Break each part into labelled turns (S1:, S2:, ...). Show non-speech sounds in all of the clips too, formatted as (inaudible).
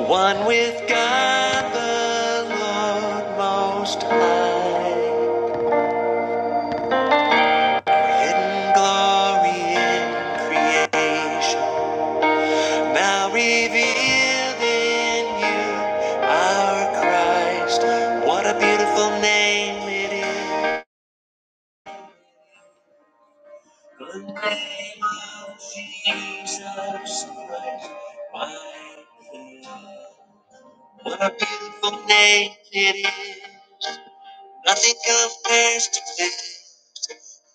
S1: One with God the Lord Most High, hidden glory in creation, now revealed in you, our Christ. What a beautiful name it is! The name of Jesus Christ, my King. What a beautiful name it is! Nothing compares to this.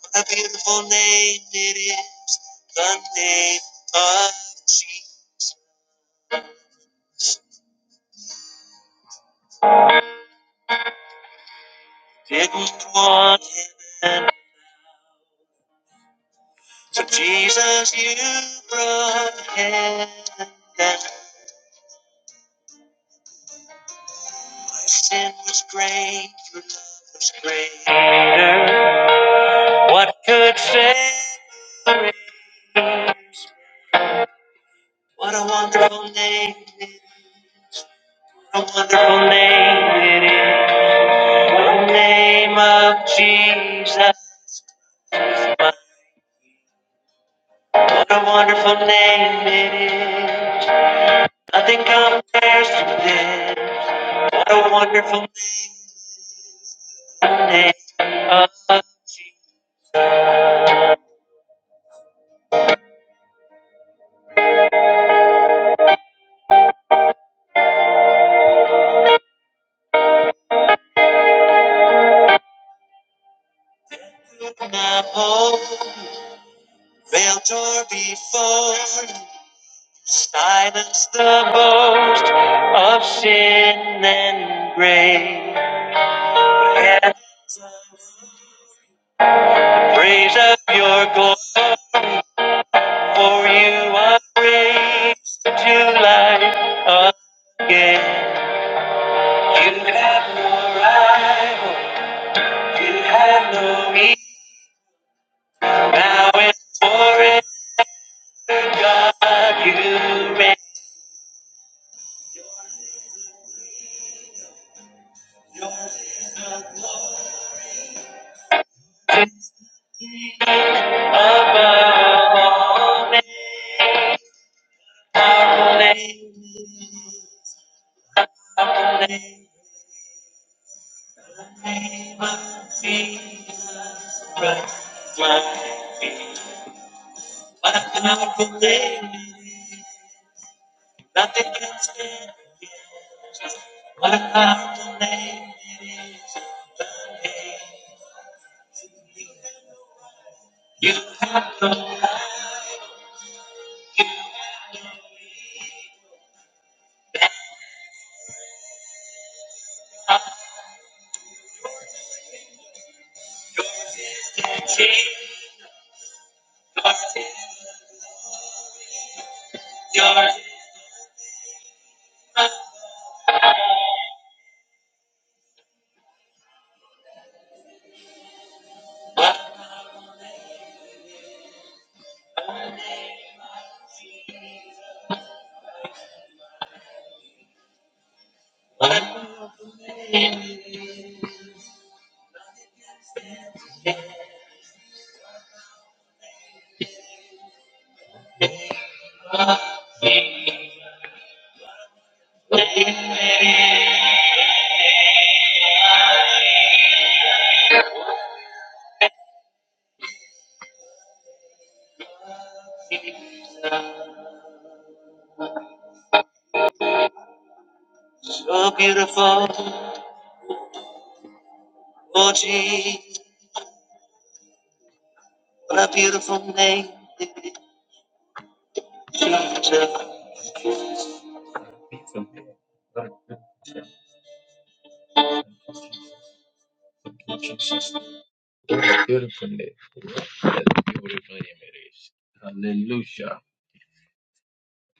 S1: What a beautiful name it is, the name of Jesus. Didn't want heaven, so Jesus, you brought heaven. My sin was great, your love was greater. What could say? What a wonderful name it is. What a wonderful name it is. The name of Jesus. What a wonderful name it is. Nothing compares to this. What a wonderful name the name of Jesus. Could not hold, veiled or before. Silence the boast of sin and grave. And praise of your glory, for you are raised to life again. You have no rival. You have no equal. Now and forever, God, you reign Yours is the glory above all names. Powerful name, powerful name, the name of Jesus Christ. My, my powerful name. it is. Nothing can stand against what the name it is. The name you have no authority. Yours is yours. What what we name So beautiful, oh Jesus, what a beautiful name Jesus. Beautiful name. That's beautiful image. Hallelujah.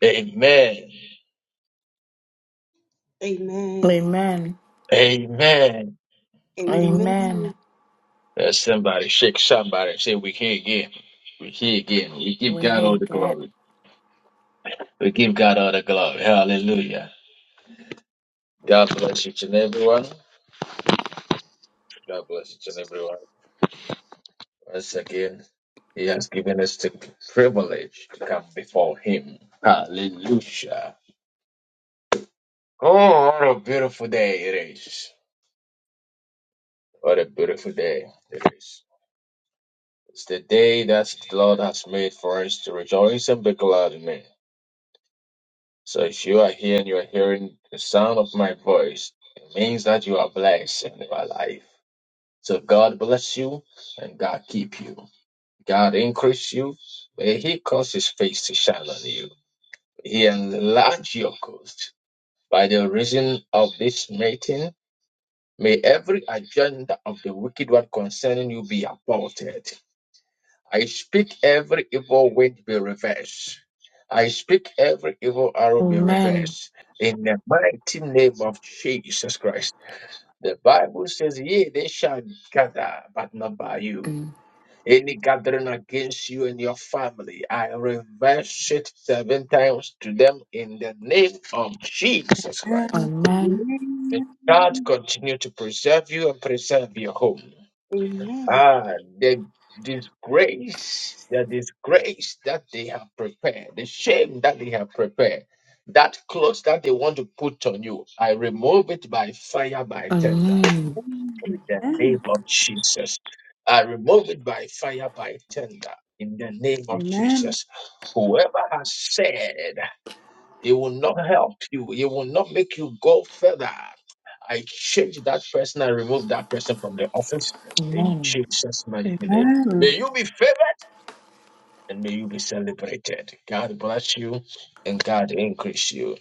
S1: Amen.
S2: Amen.
S3: Amen.
S1: Amen.
S3: Amen.
S2: Amen.
S1: Let somebody shake somebody and say, We're here again. We're here again. We give
S3: We
S1: God
S3: hear
S1: all the
S3: that.
S1: glory. We give God all the glory. Hallelujah. God bless each and everyone. God bless each and everyone. Once again, He has given us the privilege to come before Him. Hallelujah. Oh, what a beautiful day it is. What a beautiful day it is. It's the day that the Lord has made for us to rejoice and be glad in it. So if you are here and you are hearing the sound of my voice, it means that you are blessed in your life. So God bless you and God keep you. God increase you. May He cause His face to shine on you. He enlarge your coast. By the reason of this meeting, may every agenda of the wicked one concerning you be aborted. I speak every evil wind be reversed. I speak every evil arrow be
S3: Amen.
S1: reversed. In the mighty name of Jesus Christ. The Bible says, Yea, they shall gather, but not by you.
S3: Mm.
S1: Any gathering against you and your family, I reverse it seven times to them in the name of Jesus Christ.
S3: Amen.
S1: May
S2: Amen.
S1: God continue to preserve you and preserve your home.
S2: Amen.
S1: Ah, the disgrace, the disgrace that they have prepared, the shame that they have prepared, that clothes that they want to put on you, I remove it by fire, by tender.
S3: Amen.
S2: Amen.
S1: In the name of Jesus. I remove it by fire, by tender. In the name of Jesus. Whoever has said it will not help you. It will not make you go further. I change that person. I remove that person from the office in
S3: Amen.
S1: Jesus' mighty name. May you be favored and may you be celebrated. God bless you and God increase you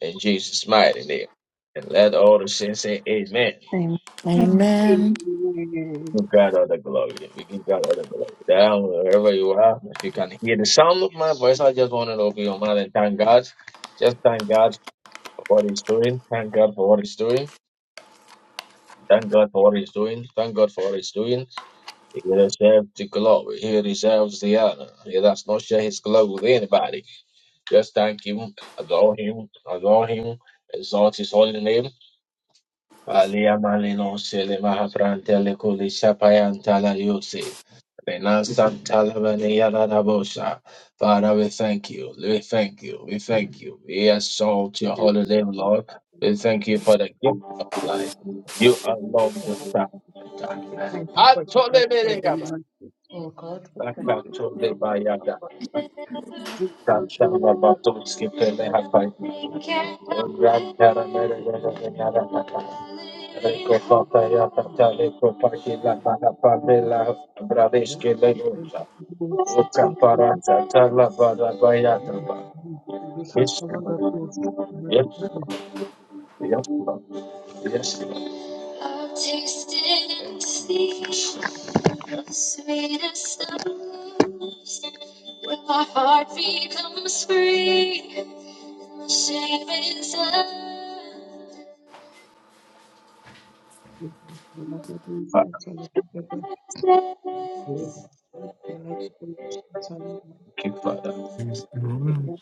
S1: in Jesus' mighty name. And let all the saints say amen.
S2: Thank you,
S3: Amen.
S2: Jesus.
S1: Give God all the glory. We give God all the glory. Down wherever you are, if you can hear the sound of my voice, I just want to open your mouth and thank God. Just thank God what he's doing. Thank God for what he's doing. Thank God for what he's doing. Thank God for what he's doing. He deserves the glory. He deserves the honor. He does not share his glory with anybody. Just thank him, adore him, adore him, exalt his holy name. Alia Malino Sele Mahapranta Lekuli Shapayantala Yusi. Rena Santala Vania Radabosha. Father, we thank you. We thank you. We thank you. We exalt your
S2: Thank
S1: holy name, Lord. We
S2: you,
S1: thank you for the
S2: Jesus.
S1: gift of
S2: Thank
S1: life. You
S2: you
S1: alone
S2: so
S1: deserve
S2: much.
S1: it.
S2: We thank you for your grace
S1: Atole
S2: and your
S1: Meregaba.
S2: mercy. Oh God, we thank you for
S1: Akatole
S2: your word. Oh
S1: Bayada.
S2: God, You are now
S1: Santala
S2: the God of
S1: Batoski Pele
S2: Israel. You
S1: Hapai.
S2: are all the God of Israel.
S1: Grand Yes,
S2: You
S1: Lord. yes, Lord.
S2: are the God of Israel. Amen. Amen. Amen.
S1: yes, Lord. yes, Lord. Father, thank you, Father,
S4: Amen.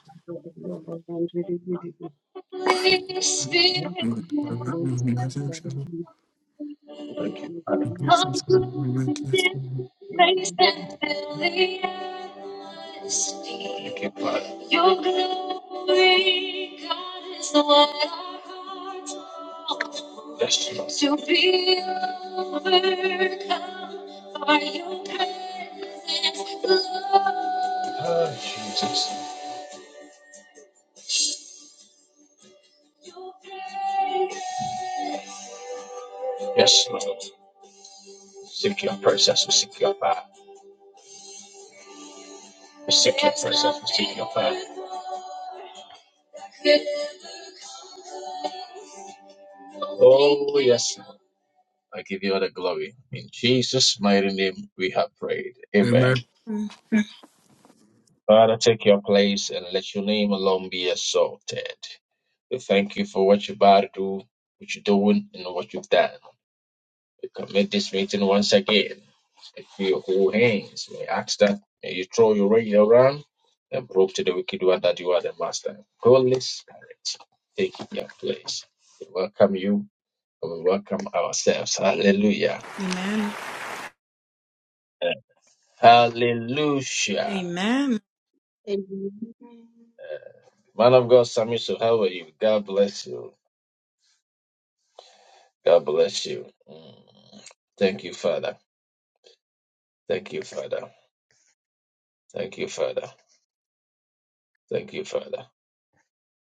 S1: thank you, Father, thank you, Father. Yes, Lord. Ah, Jesus. Yes, Lord. Seek your presence, we seek your power. We seek, oh, yes, Lord. I give you all the glory. In Jesus' mighty name, we have prayed. Amen. Father, take your place and let your name alone be exalted. We thank you for what you're about to do, what you're doing, and what you've done. We commit this meeting once again. If you hold hands, we ask that may you throw your ring around and prove to the wicked one that you are the master. Holy Spirit, take your place. We welcome you and we welcome ourselves. Hallelujah. Hallelujah. Man of God, Samiso, how are you? God bless you. God bless you. Mm. Thank you, Father. Thank you, Father. Thank you, Father. Thank you, Father.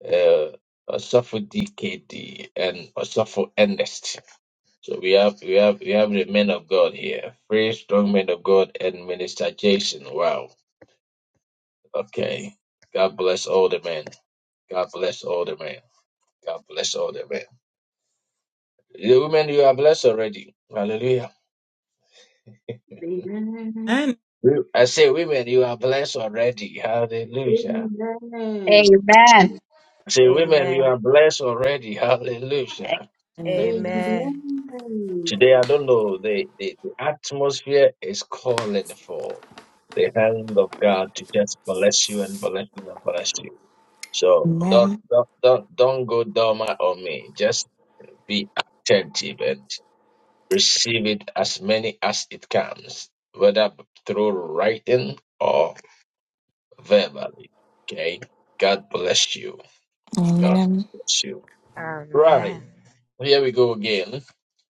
S1: Uh, Asafo DKD and Asafo Ernest. So we have we have we have the men of God here. Three strong men of God and Minister Jason. Wow. Okay. God bless all the men. God bless all the men. God bless all the men. The women you are blessed already. Hallelujah. We- I say women, you are blessed already. Hallelujah.
S5: Amen.
S1: I Say women, you
S6: Amen.
S1: are blessed already. (laughs) Hallelujah.
S3: Mm.
S6: Amen.
S1: Today, I don't know, the, the, the atmosphere is calling for the hand of God to just bless you and bless you and bless you. So don't
S3: Amen.
S1: don't don't, don't go dormant on me. Just be attentive and receive it as many as it comes, whether through writing or verbally. Okay. God bless you. God
S3: Amen.
S1: bless you. Right.
S6: Amen.
S1: Well, Here we go again.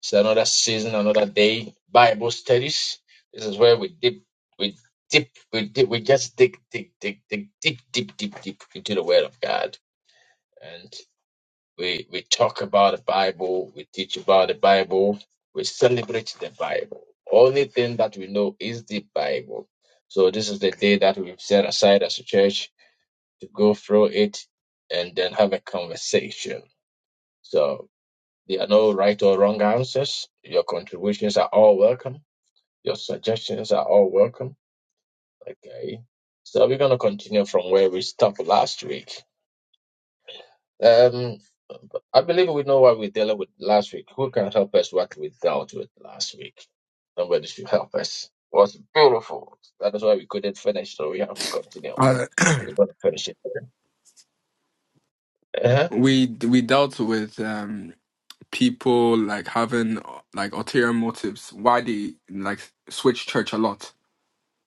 S1: It's another season, another day. Bible studies. This is where we dip, we dip, we dip, we just dig, dig, dig, dig, deep, deep, deep, deep into the Word of God, and we we talk about the Bible. We teach about the Bible. We celebrate the Bible. Only thing that we know is the Bible. So this is the day that we've set aside as a church to go through it and then have a conversation. So there are no right or wrong answers. Your contributions are all welcome. Your suggestions are all welcome. Okay. So we're going to continue from where we stopped last week. Um, I believe we know what we dealt with last week. Who can help us what we dealt with last week? Nobody should help us. It was beautiful. That is why we couldn't finish, so we have to continue.
S4: Uh, (clears throat)
S1: We're going to finish it. Uh-huh.
S4: we we dealt with um, people like having like ulterior motives. Why they like switch church a lot.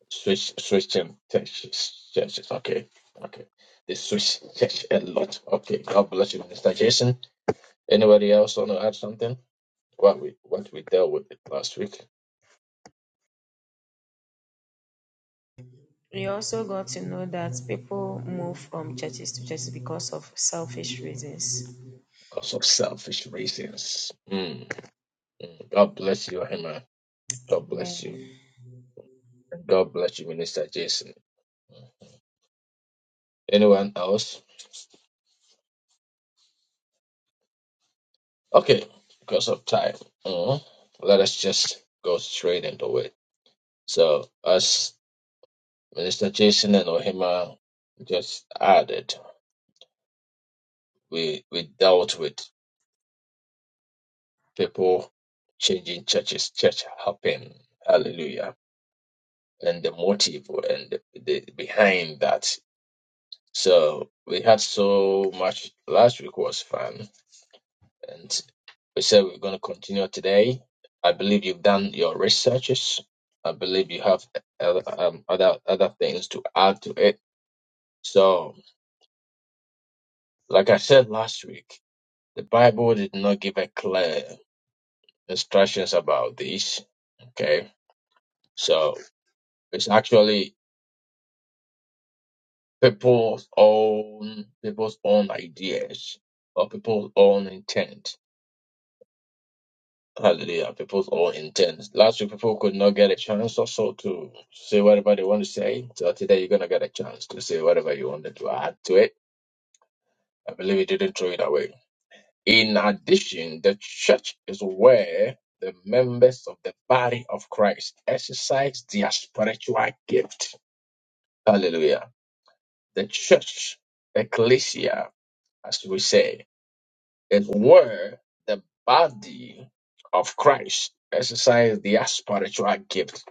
S1: Switch switching churches. churches. Okay. Okay. They switch church a lot. Okay. God bless you, Minister Jason. Anybody else want to add something? What we what we dealt with it last week
S6: We also got to know that people move from churches to churches because of selfish reasons.
S1: because of s- mm, mm. God bless you, Emma. God bless you.
S6: Amen.
S1: And God bless you, Minister Jason. Mm. Anyone else? Okay, because of time. mm, Let us just go straight into it. So as Minister Jason and Ohima just added. we we dealt with people changing churches. Church happened. Hallelujah. And the motive and the, the behind that. So we had so much. Last week was fun, and we said we're going to continue today. I believe you've done your researches. I believe you have other, um, other other things to add to it. So, like I said last week, the Bible did not give a clear instructions about this. Okay, so. It's actually people's own people's own ideas or people's own intent. Hallelujah, people's own intent. Last week people could not get a chance also to say whatever they want to say. So today you're gonna get a chance to say whatever you wanted to add to it. I believe you didn't throw it away. In addition, the church is where the members of the body of Christ exercise their spiritual gift. Hallelujah. The church, ecclesia, as we said, that where the body of Christ exercise their spiritual gift.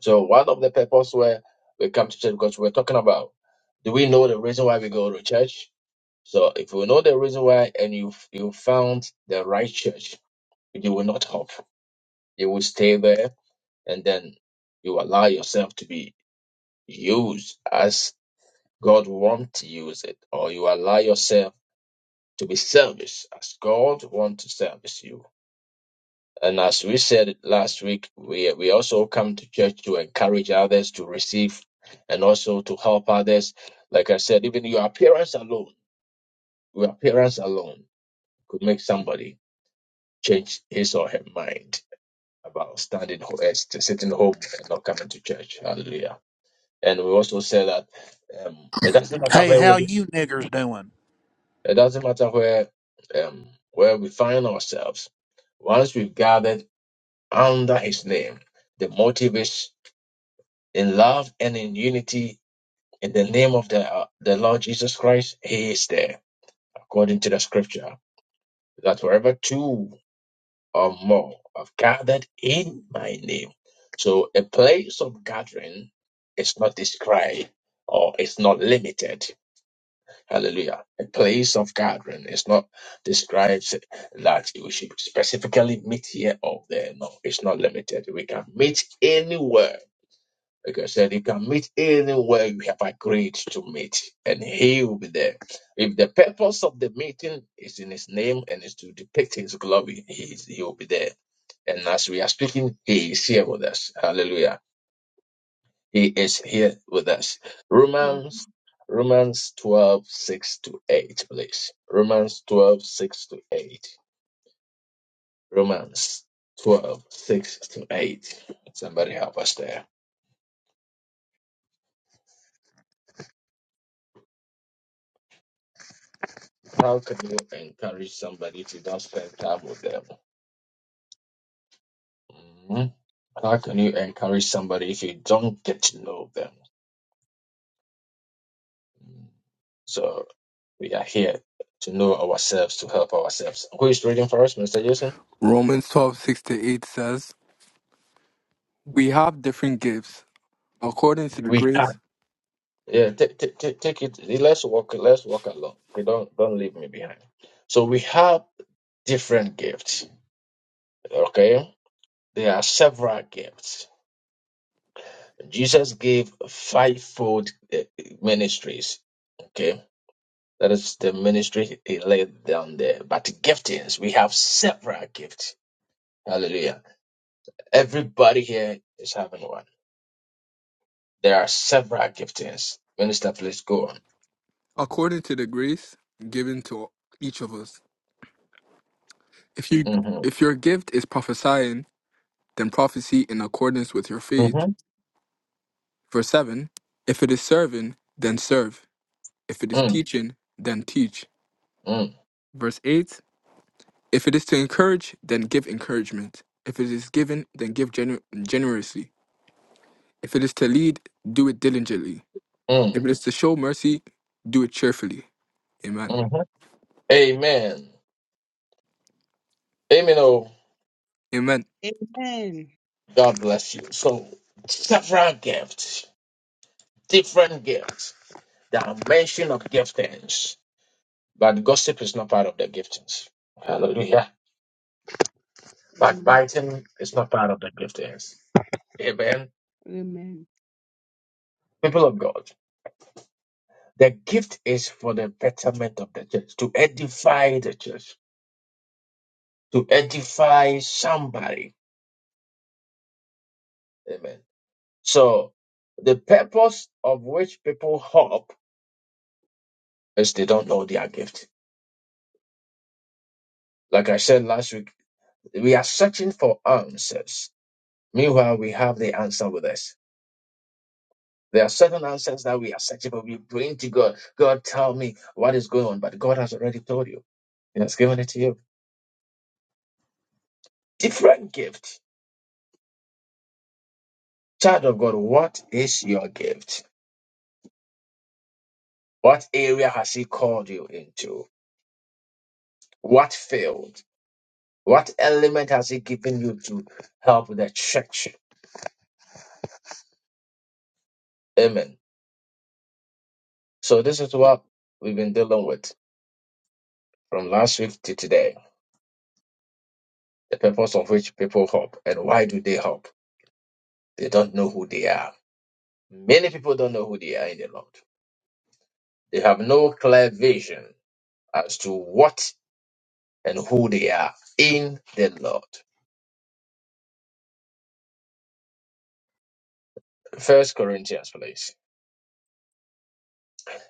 S1: So one of the purpose where we come to church because we're talking about do we know the reason why we go to church? So if we know the reason why and you you found the right church, you will not hop. You will stay there and then you allow yourself to be used as God wants to use it, or you allow yourself to be serviced as God wants to service you And as we said last week, we, we also come to church to encourage others to receive and also to help others. Like I said, even your appearance alone, your appearance alone could make somebody change his or her mind about standing, ho- eh, st- sitting home and not coming to church. Hallelujah. And we also said that um, it doesn't matter,
S7: Hey, how you niggers doing?
S1: it doesn't matter where um, where we find ourselves. Once we've gathered under His name, the motivation in love and in unity in the name of the uh, the Lord Jesus Christ, He is there, according to the scripture. That wherever two or more have gathered in my name. So a place of gathering is not described or it's not limited. Hallelujah. A place of gathering is not described that we should specifically meet here or there. No, it's not limited. We can meet anywhere Like I said, you can meet anywhere you have agreed to meet, and he will be there. If the purpose of the meeting is in his name and is to depict his glory, he, is- he will be there. And as we are speaking, he is here with us. Hallelujah. He is here with us. Romans Romans 12:6 to 8, please. Romans 12:6 to 8. Romans 12:6 to 8. Somebody help us there. How can you encourage somebody if you don't spend time with them? Mhm. How can you encourage somebody if you don't get to know them? Mm. So we are here to know ourselves, to help ourselves. Who is reading for us, Mr. Jason?
S4: Romans twelve six to eight says, "We have different gifts according to the
S1: We are.
S4: grace
S1: Yeah, t- t- t- take it. Let's walk. Let's walk along. Okay, don't don't leave me behind. So we have different gifts. Okay, there are several gifts. Jesus gave fivefold eh, eh, ministries. Okay, That is the ministry he laid down there. But giftings, we have several gifts. Hallelujah. Everybody here is having one. There are several giftings. Minister, please go on.
S4: according to the grace given to each of us. If you
S1: Mm-hmm.
S4: if your gift is prophesying, then prophecy in accordance with your faith."
S1: Mm-hmm.
S4: Verse 7 If it is serving, then serve. If it is
S1: Mm,
S4: teaching, then teach.
S1: mm,
S4: Verse 8 If it is to encourage, then give encouragement. If it is given, then give gener- generously. If it is to lead, do it diligently.
S1: mm,
S4: If it is to show mercy, do it cheerfully. Amen.
S1: mm-hmm. Amen. Amen. Oh,
S4: Amen.
S2: Amen.
S1: God bless you. So, several gifts, different gifts, dimension of giftings. But gossip is not part of the giftings. Hallelujah. Backbiting is not part of the giftings. Amen.
S2: Amen.
S1: people of God, the gift is for the betterment of the church, to edify the church, to edify somebody. Amen. So, the purpose of which people hope is they don't know their gift. Like I said last week, we are searching for answers. Meanwhile, we have the answer with us. There are certain answers that we are searching for. We bring to God, God, tell me what is going on. But God has already told you, He has given it to you. Different gift. Child of God, what is your gift? What area has He called you into? What field? What element has He given you to help the church? Amen. So, this is what we've been dealing with from last week to today the purpose of which people help and why do they help? They don't know who they are. Many people don't know who they are in the Lord, they have no clear vision as to what and who they are in the Lord. First Corinthians, please.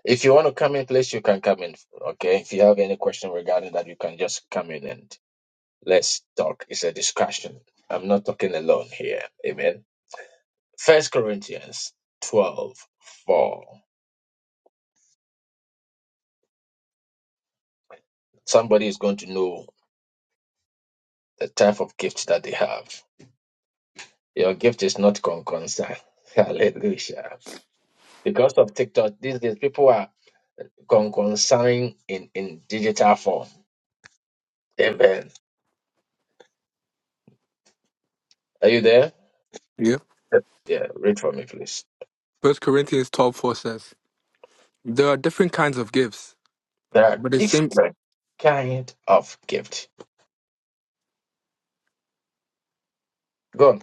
S1: If you want to come in, please, you can come in. Okay. If you have any question regarding that, you can just come in and let's talk. It's a discussion. I'm not talking alone here. Amen. First Corinthians twelve four. Somebody is going to know the type of gift that they have. Your gift is not conconcern. (laughs) Hallelujah. Because of TikTok, these days people are conconcerning in, in digital form. Amen. Are you there?
S4: Yeah.
S1: Yeah, read for me, please.
S4: First Corinthians twelve four says, There are different kinds of gifts,
S1: There are
S4: but the same
S1: different kind of gift. God,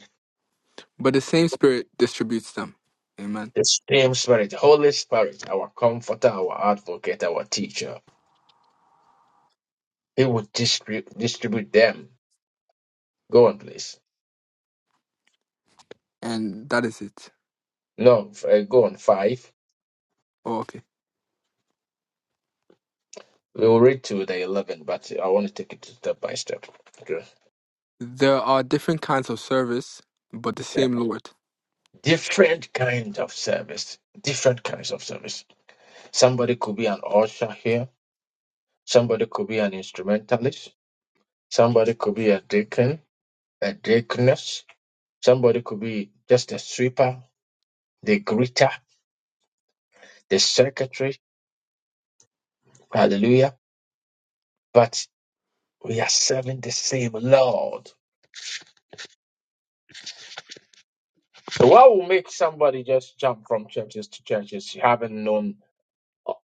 S4: but the same spirit distributes them. Amen.
S1: the same Spirit, Holy Spirit, our Comforter, our Advocate, our Teacher, He will distribute distribute them. Go on, please.
S4: And that is it.
S1: No, f- uh, go on five.
S4: Oh, okay.
S1: We will read to the eleven, but I want to take it step by step. Okay.
S4: There are different kinds of service, but the same Lord.
S1: Different kind of service. Different kinds of service. Somebody could be an usher here. Somebody could be an instrumentalist. Somebody could be a deacon, a deaconess Somebody could be just a sweeper, the greeter, the secretary. Hallelujah. But we are serving the same Lord. So what will make somebody just jump from churches to churches having known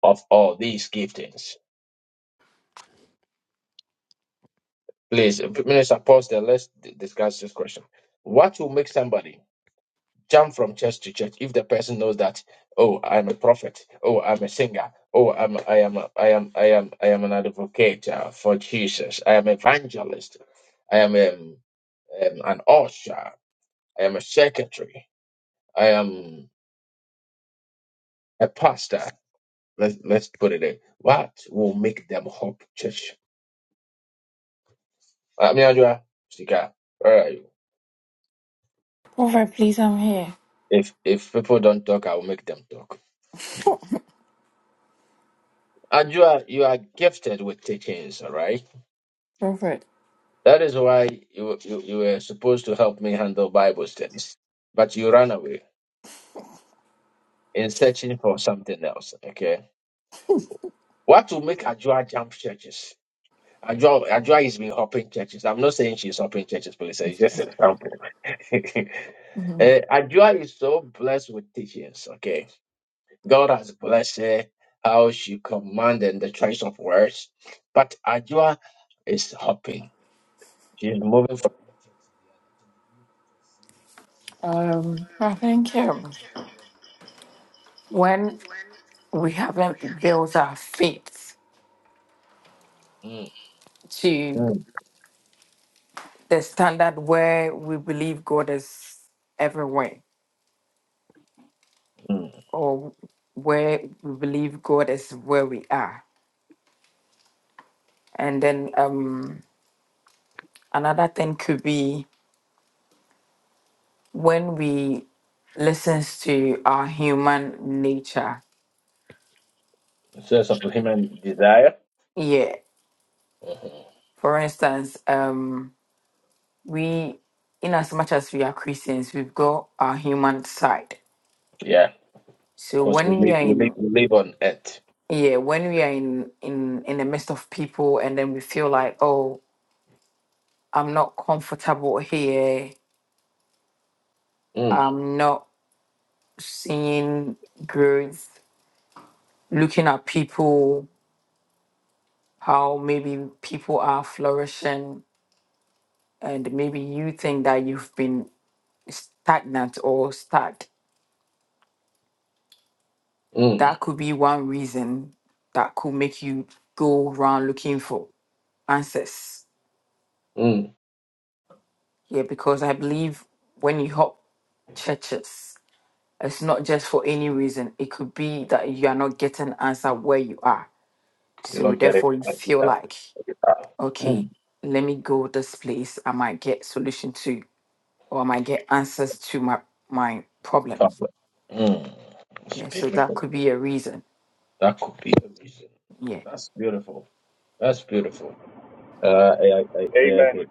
S1: of all these giftings? Please, Minister, pause there. Let's d- discuss this question. What will make somebody jump from church to church if the person knows that oh i'm a prophet oh i'm a singer oh i'm i am a, i am i am i am an advocate uh, for jesus i am evangelist i am um, um, an usher i am a secretary i am a pastor let's let's put it there what will make them hop church i mean Adua, Sika, where are you?
S3: Prophet, please, I'm here.
S1: if if people don't talk i will make them talk Adua, you are gifted with teachings all right
S3: Prophet.
S1: That is why you, you, you were supposed to help me handle Bible studies, but you ran away in searching for something else. Okay. What will make Ajua jump churches? Ajua, Ajua has been hopping churches. I'm not saying she's hopping churches, please. It's just an example. (laughs)
S3: Mhm.
S1: Eh, Ajua is so blessed with teachings. Okay. God has blessed her, how she commanded the choice of words. But Ajua is hopping. She's moving from
S3: Um, I think um, when we haven't built our faith
S1: mm,
S3: to
S1: mm,
S3: the standard where we believe God is everywhere,
S1: mm.
S3: or where we believe God is where we are And then um, another thing could be when we listens to our human nature.
S1: sense of human desire
S3: Yeah.
S1: Mhm.
S3: For instance, um, we, in as much as we are Christians, we've got our human side.
S1: Yeah,
S3: So
S1: because we
S3: when we
S1: live,
S3: are
S1: we live,
S3: in,
S1: we live on earth.
S3: yeah, when we are in in in the midst of people, and then we feel like, oh, I'm not comfortable here.
S1: Mm,
S3: I'm not seeing growth. Looking at people, how maybe people are flourishing and maybe you think that you've been stagnant or stuck
S1: mm,
S3: that could be one reason that could make you go around looking for answers
S1: mm.
S3: yeah because i believe when you hop churches it's not just for any reason it could be that you are not getting an answer where you are
S1: You
S3: so
S1: don't get it.
S3: therefore you
S1: like
S3: feel
S1: that.
S3: like
S1: Ah,
S3: okay
S1: Mm.
S3: let me go this place i might get solution to or I might get answers to my my problems.
S1: Fabulous. Mm. It's
S3: Yeah, so that
S1: beautiful.
S3: could be a reason.
S1: That could be the reason.
S3: Yeah.
S1: That's beautiful. That's beautiful. Uh, I, I, I I
S8: Amen.
S1: agree.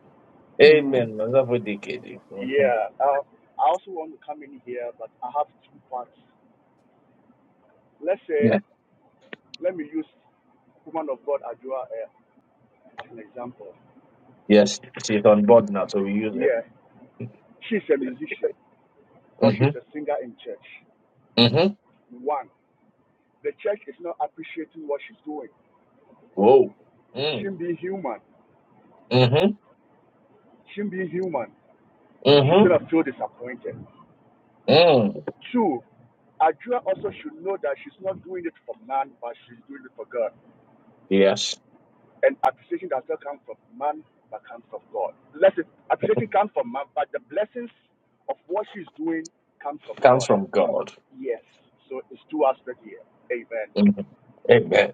S3: Mm.
S1: Amen. That's what they get you. Mhm.
S8: Yeah. Uh, I also want to come in here, but I have two parts. Let's
S1: Yeah.
S8: say, let me use woman of God Adua uh, as an example.
S1: Yes. She's on board now, so we use it.
S8: Yeah. She's a musician or
S1: Mm-hmm.
S8: she's a singer in church.
S1: Mm-hmm.
S8: One, the church is not appreciating what she's doing.
S1: Whoa. Mm.
S8: She being human.
S1: Mm-hmm.
S8: She being human. She's
S1: Mm-hmm.
S8: gonna feel disappointed.
S1: Mm.
S8: Two, Adua also should know that she's not doing it for man, but she's doing it for God.
S1: Yes.
S8: And appreciation does not come from man, but comes from God. Listen, appreciation comes from man, but the blessings of what she's doing comes from
S1: Comes
S8: God.
S1: from God.
S8: Yes. So it's two aspects here. Amen.
S1: Mhm. Amen.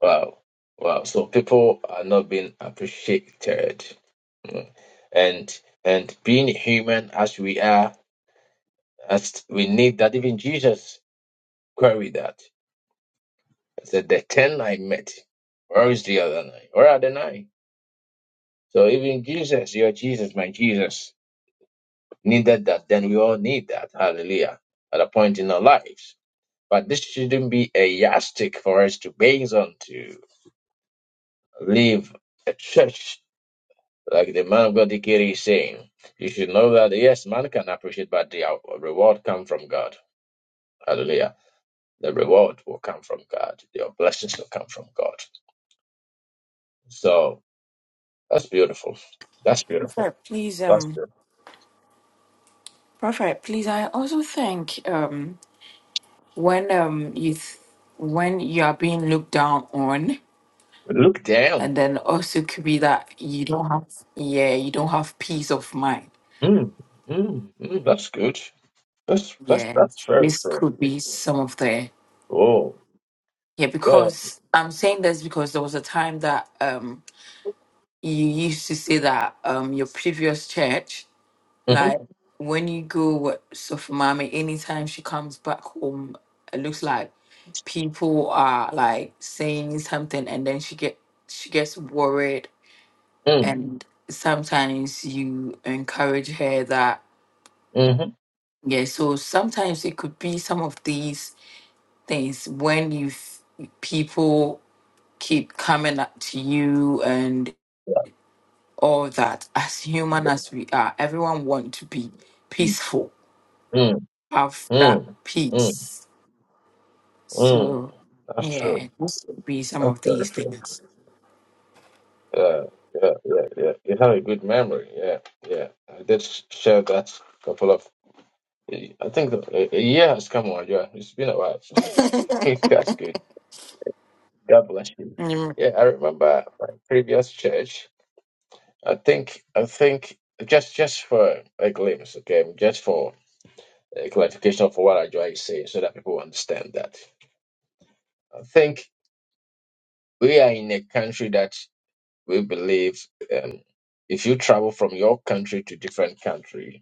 S1: Wow. Wow. So people are not being appreciated. Mm. And and being human as we are, as we need that even Jesus queried that. He said the ten I met. Where is the other nine? Where are the nine? So even Jesus, your Jesus, my Jesus, needed that. Then we all need that. Hallelujah. At a point in our lives. But this shouldn't be a yardstick for us to base on to live a church Like the man of God Ikiri is saying, you should know that yes, man can appreciate, but the uh, reward come from God. Hallelujah. The reward will come from God. Your blessings will come from God. So that's beautiful. That's beautiful.
S3: Prophet, please, um, Prophet, please. I also think um when um you th- when you are being looked down on,
S1: Look down.
S3: and then also could be that you don't have yeah you don't have peace of mind.
S1: Mm, mm, mm, that's good. That's that's
S3: Yeah,
S1: that's very
S3: this
S1: true.
S3: could be some of the
S1: Oh,
S3: yeah
S1: yeah.
S3: because I'm saying this because there was a time that um you used to say that um your previous church
S1: Mm-hmm,
S3: Like when you go with so for anytime she comes back home, it looks like people are like saying something and then she get she gets worried
S1: mm,
S3: and sometimes you encourage her that
S1: mm-hmm,
S3: yeah, so sometimes it could be some of these things when you f- people keep coming up to you and all that. As human as we are, everyone want to be peaceful,
S1: mm,
S3: have that
S1: mm, mm,
S3: peace
S1: mm.
S3: So,
S1: That's
S3: yeah,
S1: true.
S3: this would be some
S1: That's
S3: of
S1: very
S3: these
S1: true.
S3: things.
S1: yeah, yeah, yeah, yeah. You have a good memory. Yeah, yeah. I did sh- share that couple of. I think the, a a year has come on. Yeah, it's been a while.
S3: (laughs)
S1: (laughs) That's good. God bless you.
S3: Amen.
S1: Yeah, I remember my previous church. I think. I think just just for a glimpse, okay, just for a clarification of what I try to say, so that people understand that. I think we are in a country that we believe um, if you travel from your country to different country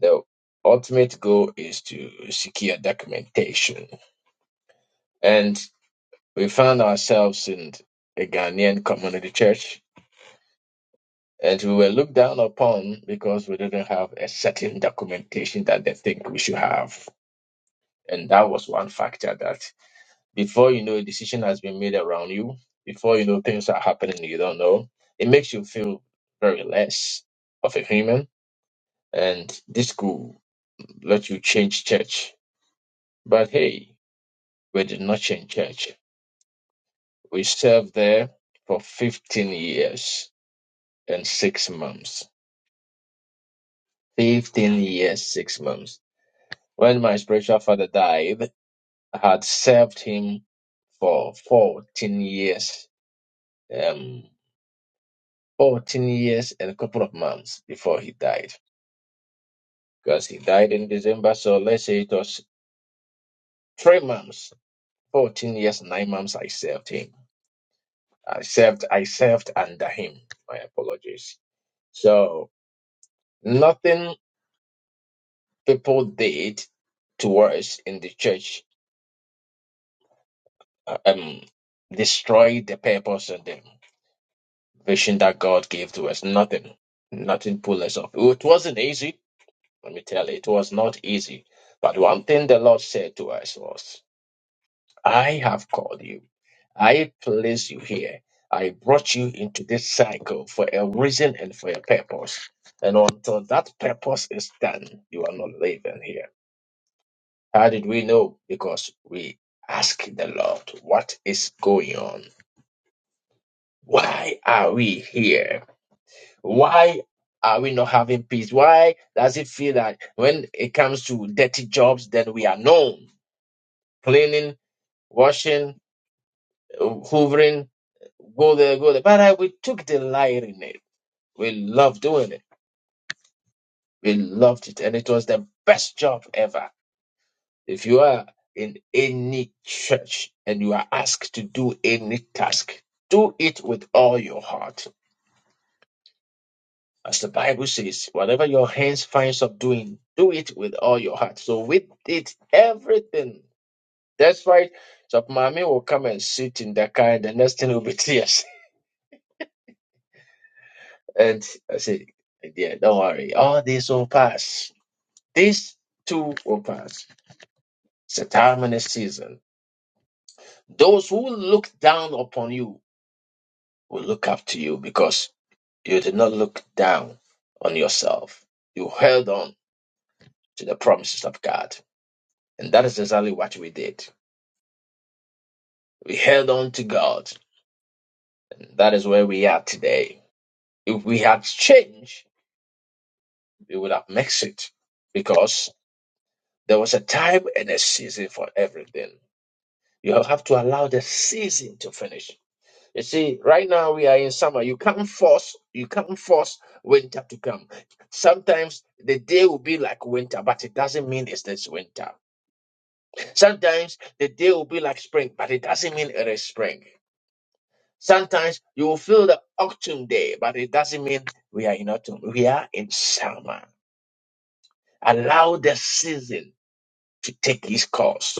S1: the ultimate goal is to secure documentation. And we found ourselves in a Ghanaian community church, and we were looked down upon because we didn't have a certain documentation that they think we should have. And that was one factor that before you know a decision has been made around you, before you know things are happening you don't know, it makes you feel very less of a human. And this could let you change church. But hey, We did not change church. We served there for 15 years and six months. 15 years, six months. When my spiritual father died, I had served him for 14 years, um, 14 years and a couple of months before he died. Because he died in December, so let's say it was three months, 14 years, nine months I served him. I served, I served under him. My apologies. So nothing people did to us in the church uh, um destroyed the purpose and the vision that God gave to us. Nothing. Nothing pulled us off. It wasn't easy, let me tell you, it was not easy. But one thing the Lord said to us was, I have called you, I placed you here. I brought you into this cycle for a reason and for a purpose. And until that purpose is done, you are not living here. How did we know? Because we ask the Lord, what is going on? Why are we here? Why are we not having peace? Why does it feel that when it comes to dirty jobs, then we are known? Cleaning, washing, hoovering, go there, go there. But I, we took delight in it. We loved doing it. We loved it. And it was the best job ever. If you are in any church and you are asked to do any task, do it with all your heart. As the Bible says, whatever your hands finds up doing, do it with all your heart. So with it, everything. That's why so mommy will come and sit in the car and the next thing will be tears. (laughs) And I say, yeah, don't worry. All this will pass. This too will pass. It's a time and a season. Those who look down upon you will look up to you because. You did not look down on yourself. You held on to the promises of God. And that is exactly what we did. We held on to God. And that is where we are today. If we had changed, we would have mixed it because there was a time and a season for everything. You have to allow the season to finish. You see, right now we are in summer. You can't force you can't force winter to come. Sometimes the day will be like winter, but it doesn't mean it's this winter. Sometimes the day will be like spring, but it doesn't mean it is spring. Sometimes you will feel the autumn day, but it doesn't mean we are in autumn. We are in summer. Allow the season to take its course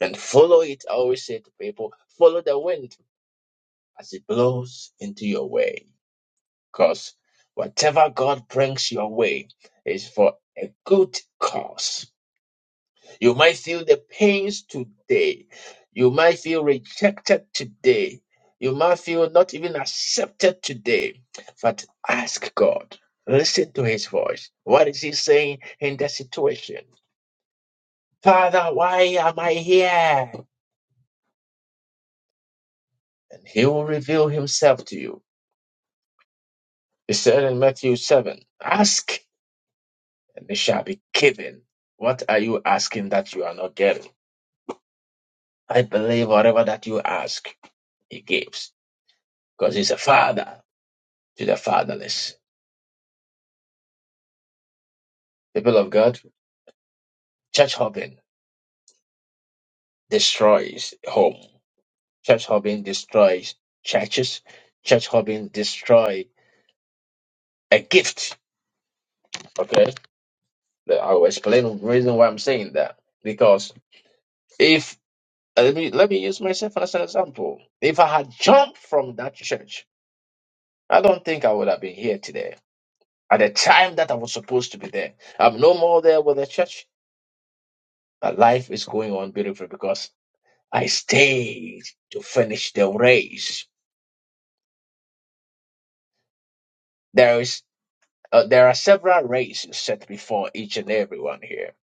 S1: and follow it. I always say to people, follow the wind as it blows into your way. Because whatever God brings your way is for a good cause. You might feel the pains today. You might feel rejected today. You might feel not even accepted today. But ask God. Listen to his voice. What is he saying in that situation? Father, why am I here? And he will reveal himself to you. He said in Matthew 7 Ask, and it shall be given. What are you asking that you are not getting? I believe whatever that you ask, he gives because he's a father. to the fatherless. People of God, church hopping destroys home. Church hopping destroys churches. Church hopping destroys a gift. Okay, But I will explain the reason why I'm saying that because if uh, let me let me use myself as an example. If I had jumped from that church, I don't think I would have been here today. At the time that I was supposed to be there, I'm no more there with the church. My life is going on beautifully because I stayed to finish the race. There is uh, there are several races set before each and everyone here.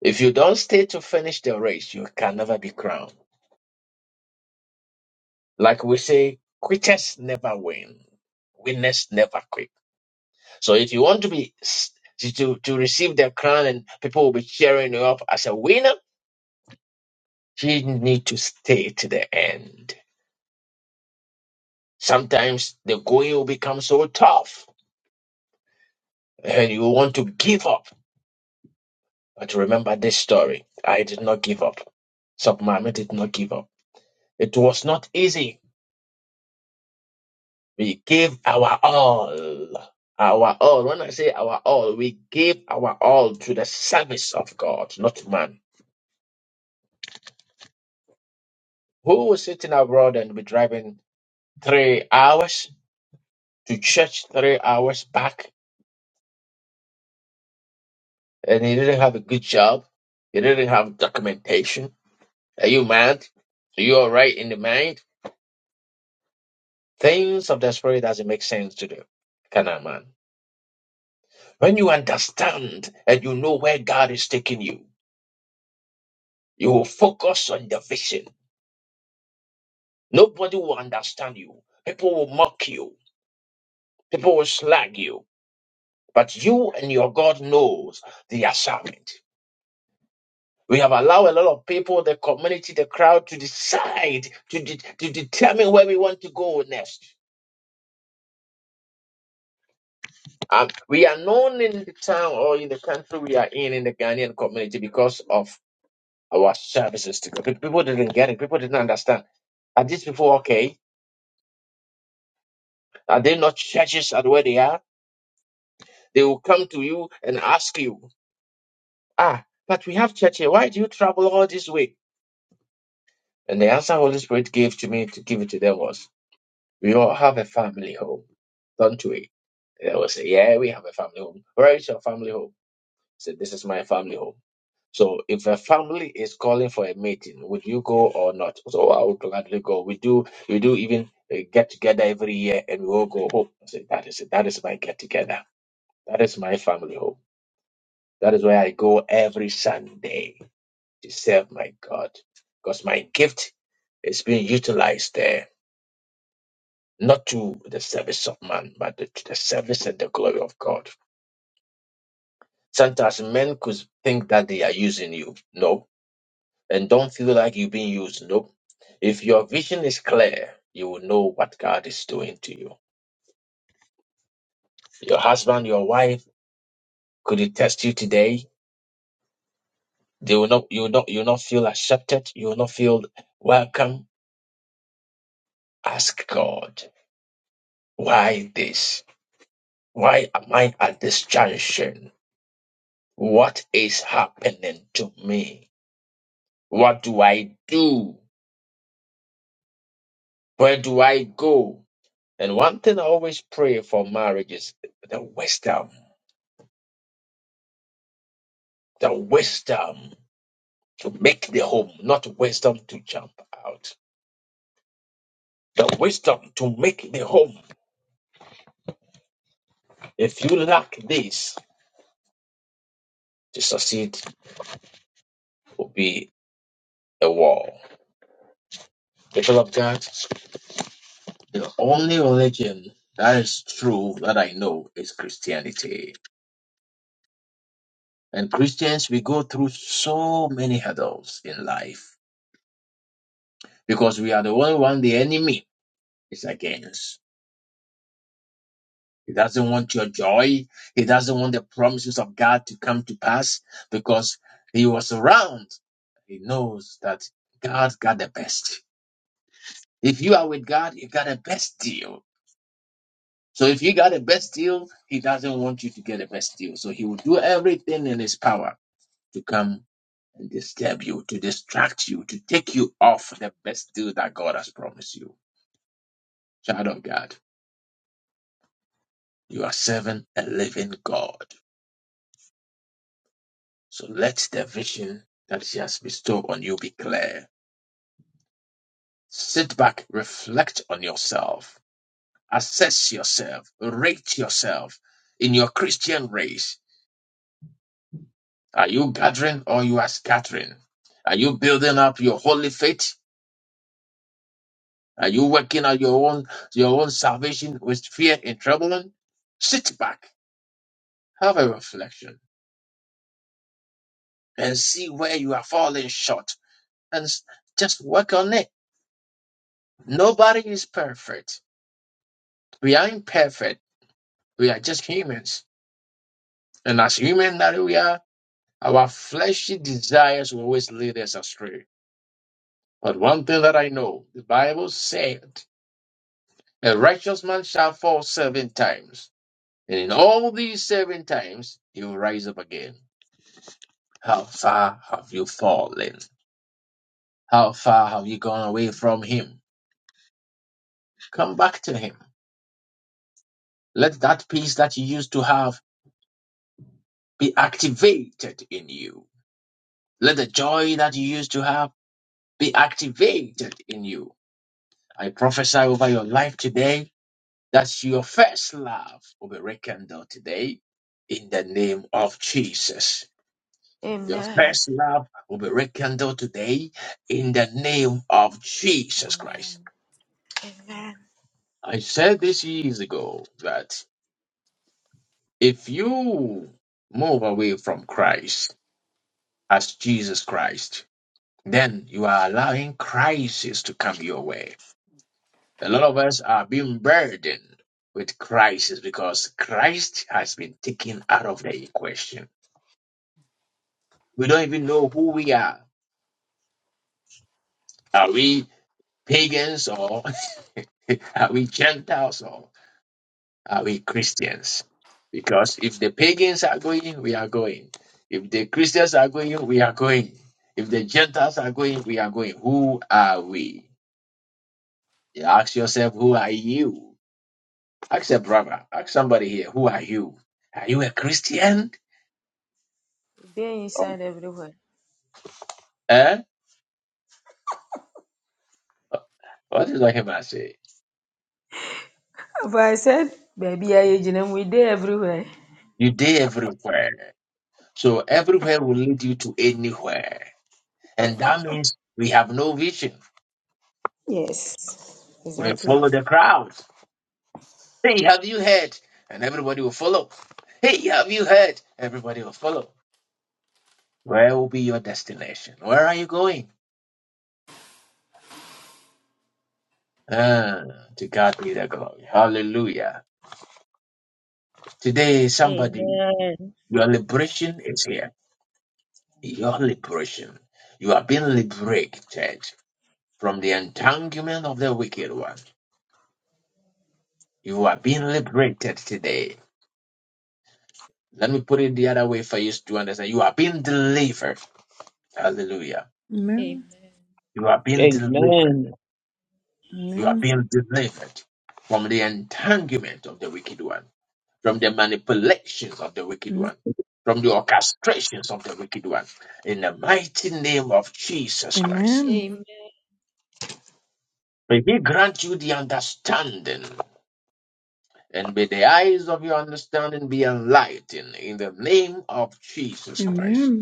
S1: If you don't stay to finish the race, you can never be crowned. Like we say, quitters never win, winners never quit. So if you want to be s- to to to receive the crown and people will be cheering you up as a winner, you need to stay to the end. Sometimes the going will become so tough and you want to give up But remember this story. I did not give up. Submami did not give up. It was not easy. We gave our all. Our all. When I say our all, we gave our all to the service of God, not to man. Who was sitting abroad and be driving three hours to church, three hours back, and he didn't have a good job? He didn't have documentation. Are you mad? Are you all right in the mind? Things of the spirit doesn't make sense to the carnal man. When you understand and you know where God is taking you, you will focus on the vision. Nobody will understand you. People will mock you. People will slag you. But you and your God knows the assignment. We have allowed a lot of people, the community, the crowd to decide, to, de- to determine where we want to go next. Um, we are known in the town or in the country we are in, in the Ghanaian community because of our services to God. Pe- People didn't get it. People didn't understand. Are these people okay? Are they not churches at where they are? They will come to you and ask you, ah, but we have church here. Why do you travel all this way? And the answer Holy Spirit gave to me to give it to them was, we all have a family home, don't we? They will say, yeah, we have a family home. Where is your family home? I said, this is my family home. So if a family is calling for a meeting, would you go or not? So I would gladly go. We do we do even uh, get together every year and we all go home. I say, that is it. That is my get together. That is my family home. That is where I go every Sunday to serve my God. Because my gift is being utilized there, not to the service of man, but to to the service and the glory of God. Sometimes men could think that they are using you. No, and don't feel like you're being used. Nope. If your vision is clear, you will know what God is doing to you. Your husband, your wife could it test you today. They will not, you will not, you will not feel accepted. You will not feel welcome. Ask God, why this? Why am I at this junction? What is happening to me? What do I do? Where do I go? And one thing I always pray for marriage is the wisdom. The wisdom. to make the home, not wisdom to jump out. The wisdom to make the home. If you lack this, to succeed will be a wall. People of God, the only religion that is true that I know is Christianity. And Christians, we go through so many hurdles in life because we are the only one the enemy is against. He doesn't want your joy. He doesn't want the promises of God to come to pass because he was around. He knows that God got the best. If you are with God, you got the best deal. So if you got the best deal, he doesn't want you to get the best deal. So he will do everything in his power to come and disturb you, to distract you, to take you off the best deal that God has promised you. Child of God, you are serving a living God. So let the vision that He has bestowed on you be clear. Sit back, reflect on yourself, assess yourself, rate yourself in your Christian race. Are you gathering or you are scattering? Are you building up your holy faith? Are you working out your own your own salvation with fear and trembling? Sit back, have a reflection, and see where you are falling short, and s- just work on it. Nobody is perfect. We are imperfect. We are just humans. And as humans that we are, our fleshy desires will always lead us astray. But one thing that I know, the Bible said, a righteous man shall fall seven times. And in all these seven times, he will rise up again. How far have you fallen? How far have you gone away from him? Come back to him. Let that peace that you used to have be activated in you. Let the joy that you used to have be activated in you I prophesy over your life today that your first love will be rekindled today in the name of Jesus. Your
S6: Amen.
S1: first love will be rekindled today in the name of Jesus
S3: Amen.
S1: Christ.
S6: Amen.
S1: I said this years ago that if you move away from Christ as Jesus Christ, then you are allowing crisis to come your way A lot of us are being burdened with crisis because Christ has been taken out of the equation. We don't even know who we are. Are we pagans or (laughs) are we Gentiles or are we Christians? Because if the pagans are going, we are going. If the Christians are going, we are going. If the Gentiles are going, we are going. Who are we? You ask yourself, who are you? Ask a brother, ask somebody here, who are you? Are you a Christian?
S6: We dey inside everywhere.
S1: Eh? What is talking about? Say
S6: But I said, baby, I age them. We dey everywhere.
S1: you did everywhere. So everywhere will lead you to anywhere, and that means we have no vision.
S6: Yes,
S1: We
S6: exactly.
S1: follow the crowd. Hey, have you heard? And everybody will follow. Hey, have you heard? Everybody will follow. Where will be your destination? Where are you going? Ah, to God be the glory. Hallelujah. Today, somebody,
S6: Amen.
S1: your liberation is here. Your liberation. You are being liberated. from the entanglement of the wicked one. You are being liberated today. Let me put it the other way for you to understand. You are being delivered. Hallelujah.
S6: Amen.
S1: You are being delivered.
S9: Amen.
S1: You are being delivered from the entanglement of the wicked one, from the manipulations of the wicked one, from the orchestrations of the wicked one. In the mighty name of Jesus Christ.
S6: Amen.
S1: May he grant you the understanding and may the eyes of your understanding be enlightened in the name of Jesus Christ.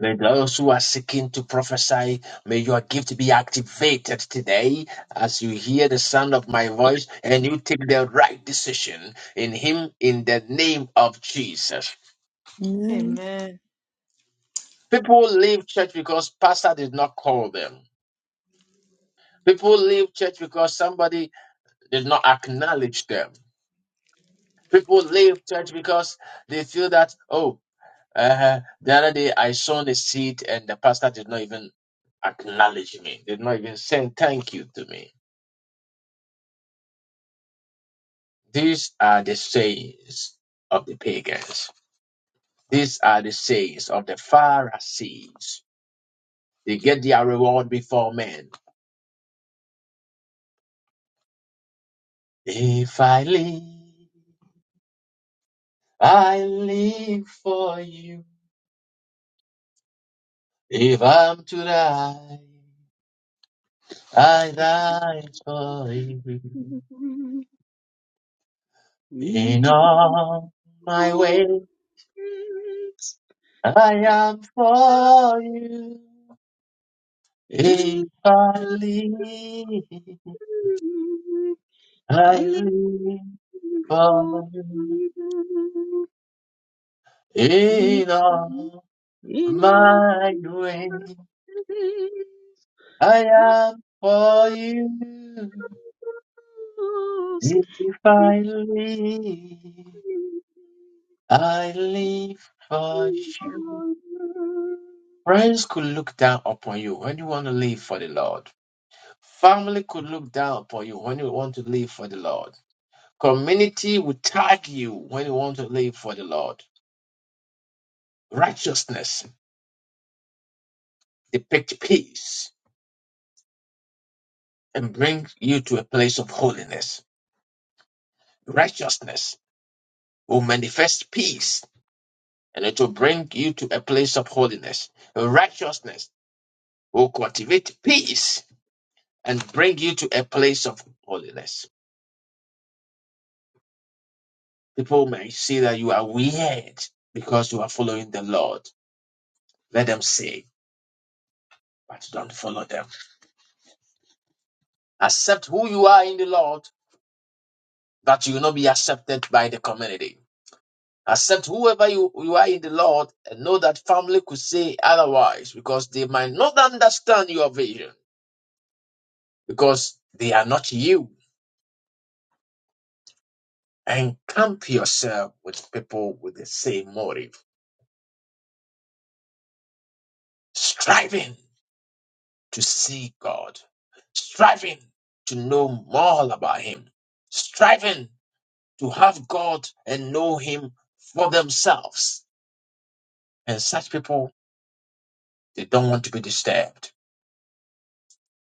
S1: May those who are seeking to prophesy, may your gift be activated today as you hear the sound of my voice and you take the right decision in Him in the name of Jesus.
S6: Amen.
S1: People leave church because pastor did not call them. People leave church because somebody did not acknowledge them. People leave church because they feel that, oh, Uh, the other day I sown the seed and the pastor did not even acknowledge me, did not even say thank you to me. These are the sayings of the pagans. These are the sayings of the Pharisees. They get their reward before men. If I live, I live for you. If I'm to die, I die for you.
S2: Amen.
S1: In
S2: We
S1: all my
S2: will
S1: ways.
S2: praise
S1: I am for you. If
S2: Him.
S1: I live, I
S2: Hallelujah.
S1: live
S2: For
S1: for you.
S2: you.
S1: In all
S2: In all my
S1: my way,
S2: days,
S1: I
S2: I
S1: am for you.
S2: was
S1: If I live, I live for you. Friends could look down upon you when you want to live for the Lord. Family could look down upon you when you want to live for the Lord. Community will tag you when you want to live for the Lord. Righteousness depicts peace and brings you to a place of holiness. Righteousness will manifest peace and it will bring you to a place of holiness. Righteousness will cultivate peace and bring you to a place of holiness. People may see that you are weird because you are following the Lord. Let them say, but don't follow them. Accept who you are in the Lord that you will not be accepted by the community. Accept whoever you, you are in the Lord and know that family could say otherwise because they might not understand your vision because they are not you. And camp yourself with people with the same motive, striving to see God, striving to know more about Him, striving to have God and know Him for themselves. And such people, they don't want to be disturbed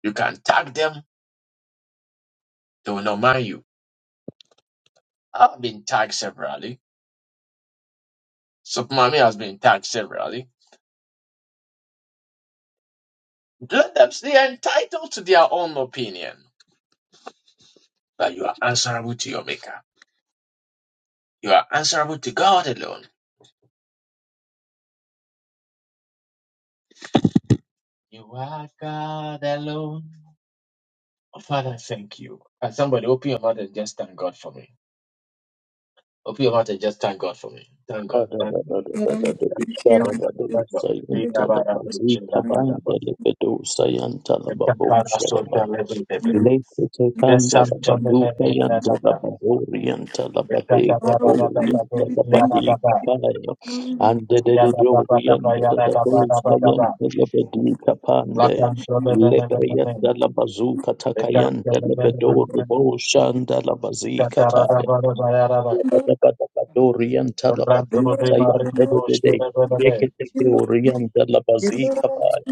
S1: You can tag them, they will not mind you. I've been tagged severally. Supermami has been tagged severally. Let them they are entitled to their own opinion. But you are answerable to your maker. You are answerable to God alone. You are God alone. Oh, Father, thank you. Can somebody open your mouth and just thank God for me? Open your mouth and just thank God for me. Thank God. Thank God. Thank God. Thank God. Thank God. Just some Just thank God
S9: Lebre yanda la bazuka takayanda lebedo rubo shanda la bazika taya. Orian Talabador Sayan Pedede, Yekete Orian Dalabazika by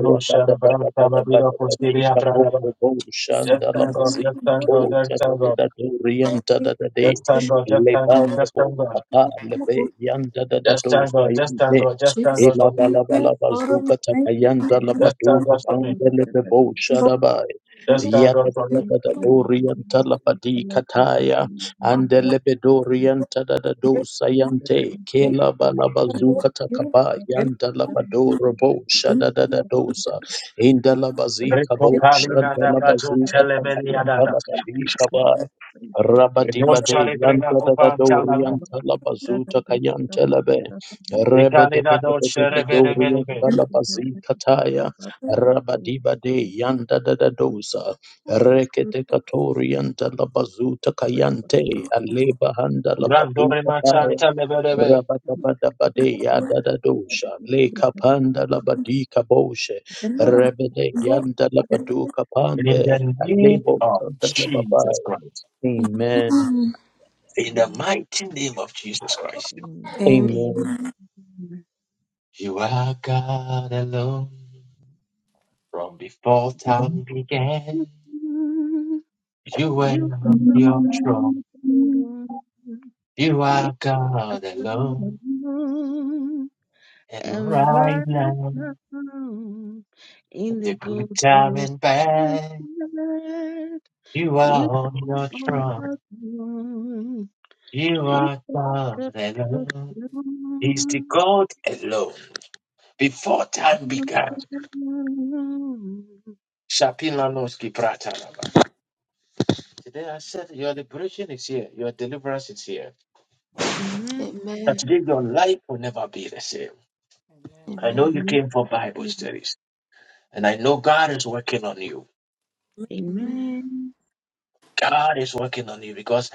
S9: Rabadabadabadabadabadika Bobo Shandalabazika Tota Orian Tadade, Lebandabo, Papa Lebe, Yanda
S1: just
S9: Dadado
S1: thank God, just
S9: Sayante.
S1: thank
S10: Jesus,
S1: God
S9: Ela
S1: for me.
S10: my
S9: bala
S10: dear
S9: bala
S10: Father, we
S9: bazuka
S10: thank you
S9: takayanda
S10: for those
S1: Just thank
S9: labaduka
S1: God for me.
S2: with
S9: pandele
S2: you.
S9: bebo
S10: who
S9: shadabai.
S2: Thank
S1: Just thank God
S9: Yada da
S1: for
S10: you,
S9: da
S1: me.
S9: da da dorian talabadi kataya
S10: our Lord,
S9: Andelebedorianta da da do
S10: great
S9: sayante
S10: King,
S9: kela
S10: Lord,
S9: balabazuka
S10: you,
S9: takaba
S10: and the
S9: yanda
S10: Lord,
S9: labado robo
S10: you, and
S9: shada da da dosa inda labazika
S1: Greco
S9: bo
S1: palina
S9: shanda
S1: da bazon
S9: labazuka
S1: telemelia
S9: takayanta
S1: dada.
S9: labadi Rabadiba
S1: Dolce
S9: de
S1: rebrena
S9: Yanta da da do
S1: cupanta lana.
S9: Rianta la Bazuta Kayanta Labe
S10: Lord,
S9: Rebe de
S1: Icalina
S9: Bede Bede de
S1: dolce
S9: de do
S1: rebere merebe.
S10: you,
S9: Rianta
S10: and
S9: la Bazi Kataya
S10: Lord,
S9: Rabadiba de Yanta da da dosa Rekete Katorianta la Bazuta Kayante Aleba Handa la Badu
S1: Randore
S9: Kataya
S1: macanta leberebe.
S9: Rabadabadabade
S10: you,
S9: Yada da dosha Le Kapanda la Badi Kaboshe
S10: and Lord,
S2: you.
S9: Rebe de Yanta la
S10: you, and
S9: Badu
S10: Lord,
S1: In
S9: Kapande
S1: the name
S9: Alebo
S1: of
S9: Santa la
S1: Jesus
S9: Babai
S1: Christ.
S9: Amen.
S1: In the mighty name of Jesus Christ.
S6: Mm.
S10: Amen.
S2: Amen.
S9: Amen.
S1: You are God alone. From before time began, you were
S2: You
S1: on
S2: are on
S1: your throne. You
S2: you
S1: are
S2: are
S1: God alone.
S2: on,
S1: And
S2: and
S1: right
S2: right
S1: now,
S2: now in the
S1: the good
S2: good
S1: time
S2: times
S1: and
S2: and
S1: bad.
S2: bad,
S1: You
S2: you
S1: are on your
S2: are
S1: throne.
S2: not alone.
S1: You
S2: You
S1: are
S2: are
S1: God
S2: not
S1: alone. is the
S2: alone.
S1: God alone before time
S2: You are
S1: began.
S2: not alone.
S1: Shapilanoski Prataraba. Today I said your liberation is here, your deliverance is here.
S2: Amen.
S1: That
S6: Amen.
S1: today your life will never be the same. I know
S6: Amen.
S1: you
S2: Amen.
S1: came for Bible studies, and I know God is working on you.
S10: Amen.
S6: Amen.
S2: Amen.
S1: God is working on you because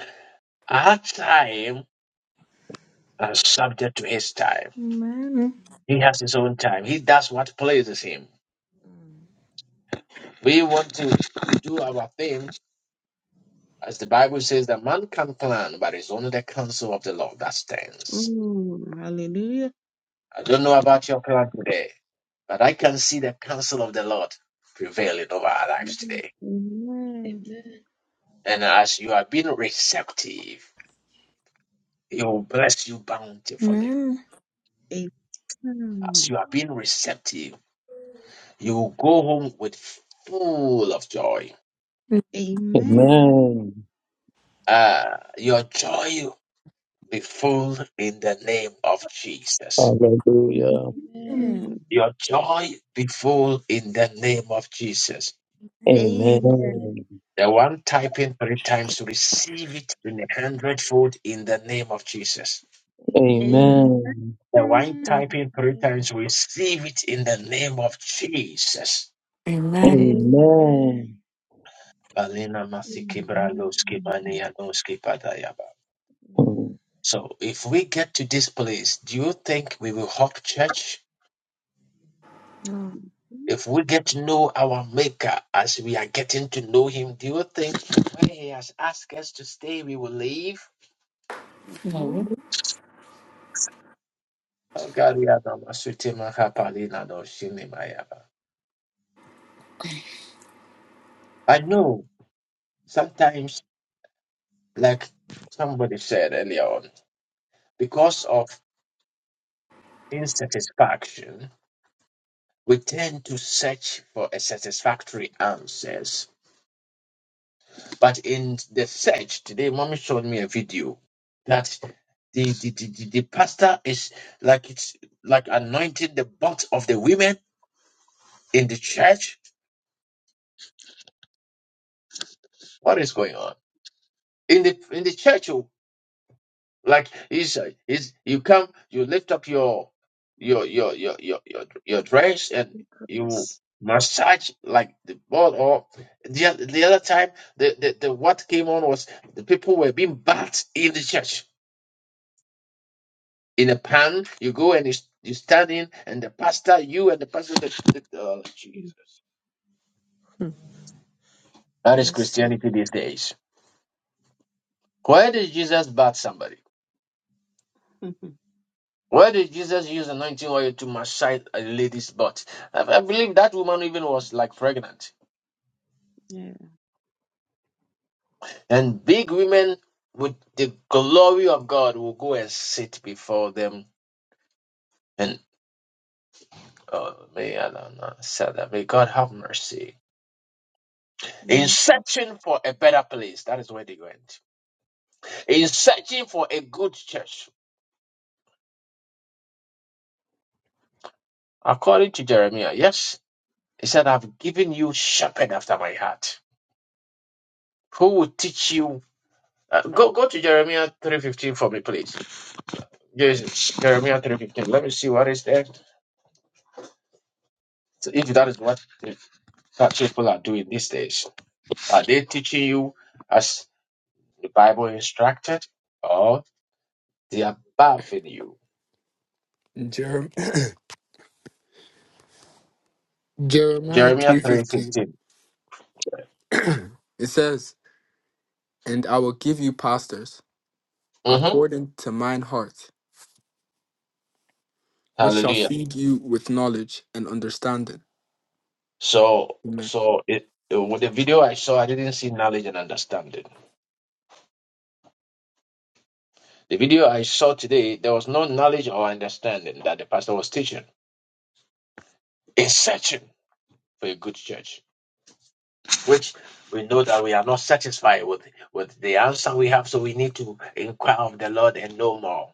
S1: our time is subject to His time.
S10: Amen.
S1: He has His own time. He does what pleases Him. We want to do our thing As the Bible says that man can plan, but it's only the counsel of the Lord that stands.
S2: Mm, hallelujah.
S1: I don't know about your plan today, but I can see the counsel of the Lord prevailing over our lives
S2: Amen.
S1: today.
S2: Amen.
S6: Amen.
S1: And as you are being receptive, He will bless you bountifully.
S10: Amen.
S1: As you are being receptive, you will go home with full of joy.
S2: Amen.
S6: Amen.
S9: Amen.
S1: Ah, your joy be full in the name of Jesus.
S2: Amen.
S9: Hallelujah.
S10: Amen.
S6: Amen.
S1: Your joy be full in the name of Jesus.
S2: Amen.
S6: Amen.
S9: Amen.
S1: The one typing three times to receive it in a hundredfold in the name of Jesus.
S6: Amen.
S2: Amen.
S9: Amen.
S1: The one typing three
S6: Amen.
S1: times receive it in the name of Jesus.
S3: Amen.
S6: Amen.
S9: Amen.
S1: Balina masikibra loski mania noski padayaba.
S9: Mm.
S1: So if we get to this place, do you think we will hop church?
S6: No.
S2: Amen.
S1: If we get to know our maker as we are getting to know him, do you think when he has asked us to stay, we will leave?
S3: Amen.
S1: Oh God, we are not- no I know sometimes, like somebody said earlier on, because of insatisfaction, we tend to search for a satisfactory answers. But in the search today, mommy showed me a video that the the, the, the, the pastor is like it's like anointing the butt of the women in the church. What is going on? In the in the church, Like is is you come, you lift up your your your your your your, your dress and you
S2: Yes.
S1: massage like the ball or the oth- the other time the, the the what came on was the people were being bathed in the church in a pan you go and you, s- you stand in and the pastor you and the pastor the, the, oh jesus that is
S6: Let's see.
S1: christianity these days where did jesus bat somebody
S2: (laughs)
S1: Why did Jesus use anointing oil to massage a lady's butt? I, I believe that woman even was like pregnant.
S2: yeah.
S1: And big women with the glory of God will go and sit before them. And oh, may Allah not say that. May God have mercy. In
S2: Mm.
S1: searching for a better place, that is where they went. In searching for a good church, according to Jeremiah, yes, he said, "I've given you shepherd after my heart, who will teach you." Uh, go go to Jeremiah three fifteen for me, please. Yes, Jeremiah three fifteen. Let me see what is there. So if that is what the church people are doing these days, are they teaching you as the Bible instructed, or they are bathing you?
S4: Jerem- (laughs) Jeremiah
S1: Jeremiah three
S4: 3:15.
S1: fifteen.
S4: It says, "And I will give you pastors
S1: Mm-hmm.
S4: according to mine heart, which shall
S1: Hallelujah.
S4: feed you with knowledge and understanding."
S1: So, so it, with the video I saw, I didn't see knowledge and understanding. The video I saw today, there was no knowledge or understanding that the pastor was teaching. It's searching for a good church. which we know that we are not satisfied with with the answer we have, so we need to inquire of the Lord and know more.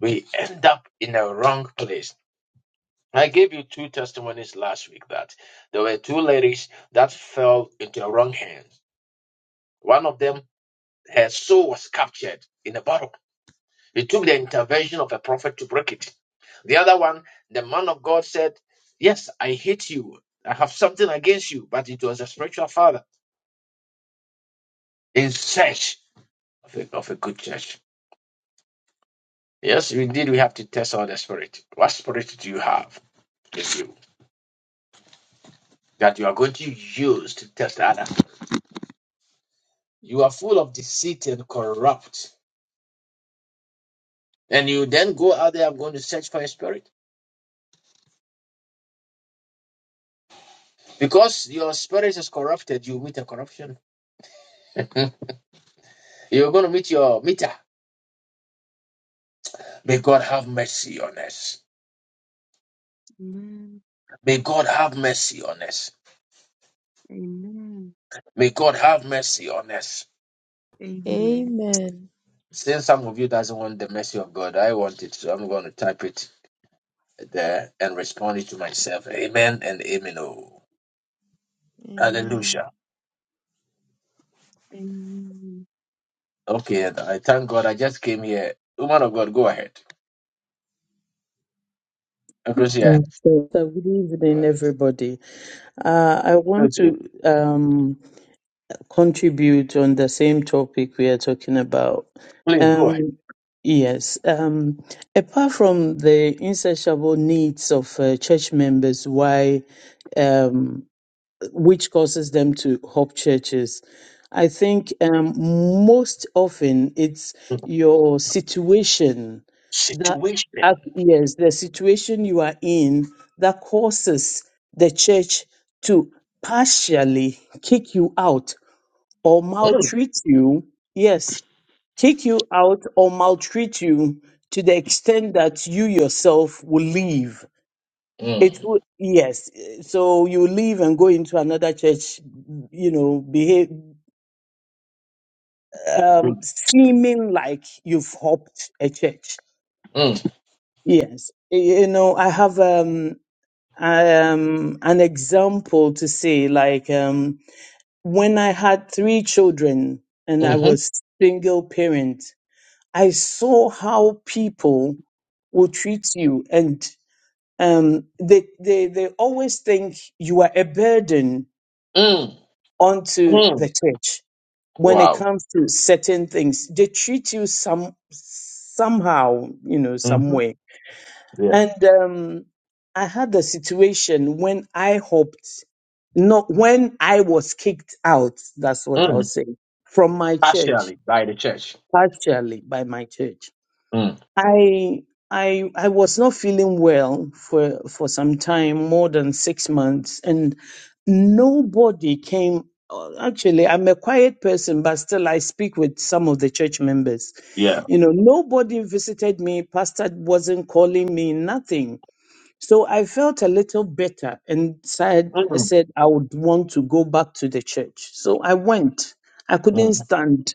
S1: We end up in a wrong place. I gave you two testimonies last week that there were two ladies that fell into a wrong hand. One of them, her soul was captured in a bottle. It took the intervention of a prophet to break it. The other one, the man of God said, Yes, I hate you. I have something against you, but it was a spiritual father in search of a, of a good church. Yes, indeed, we have to test all the spirit. What spirit do you have with you that you are going to use to test others? You are full of deceit and corrupt. And you then go out there, I'm going to search for a spirit. Because your spirit is corrupted, you meet a corruption. (laughs) You're going to meet your meter. May God have mercy on us.
S2: Amen.
S1: May God have mercy on us.
S2: Amen.
S1: May God have mercy on us.
S2: Amen.
S6: Amen.
S1: Since some of you doesn't want the mercy of God, I want it, so I'm going to type it there and responded to myself, Amen and Amen. Oh,
S6: Amen.
S1: hallelujah.
S2: Amen.
S1: Okay, and I thank God I just came here. Woman of God, go ahead. Ecclesia,
S9: So, so good
S1: go
S9: evening,
S1: ahead.
S9: everybody. Uh, I want
S1: Please
S9: to um, contribute on the same topic we are talking about.
S1: please go ahead.
S9: Um, yes. Um, apart from the insatiable needs of uh, church members, why? Um, which causes them to hop churches. I think um, most often it's
S1: Mm.
S9: your situation that, uh,
S1: Situation.
S9: yes, the situation you are in that causes the church to partially kick you out or
S1: Mm,
S9: maltreat you. Yes, kick you out or maltreat you to the extent that you yourself will leave it
S1: mm,
S9: would, yes. So you leave and go into another church, you know, behave, um,
S1: mm,
S9: seeming like you've hopped a church.
S1: mm,
S9: Yes. Y- You know, I have, um, um, an example to say, like, um, when I had three children and I
S1: mhm,
S9: was single parent, I saw how people will treat you and, um, they, they, they always think you are a burden
S1: mm,
S9: onto
S1: mm.
S9: the church when it
S1: Wow.
S9: comes to certain things. They treat you some somehow, you know,
S1: hmm
S9: some way.
S1: Yeah.
S9: And um, I had a situation when I hoped, not when I was kicked out. That's what I
S1: Mm.
S9: was saying from my church
S1: Partially by the church.
S9: partially by my church
S1: Mm.
S9: I I I was not feeling well for for some time, more than six months, and nobody came. uh, Actually, I'm a quiet person, but still I speak with some of the church members.
S1: Yeah.
S9: You know, nobody visited me. Pastor wasn't calling me. Nothing. So I felt a little better, and said I
S1: Mm,
S9: said I would want to go back to the church. So I went. I
S1: mm,
S9: couldn't stand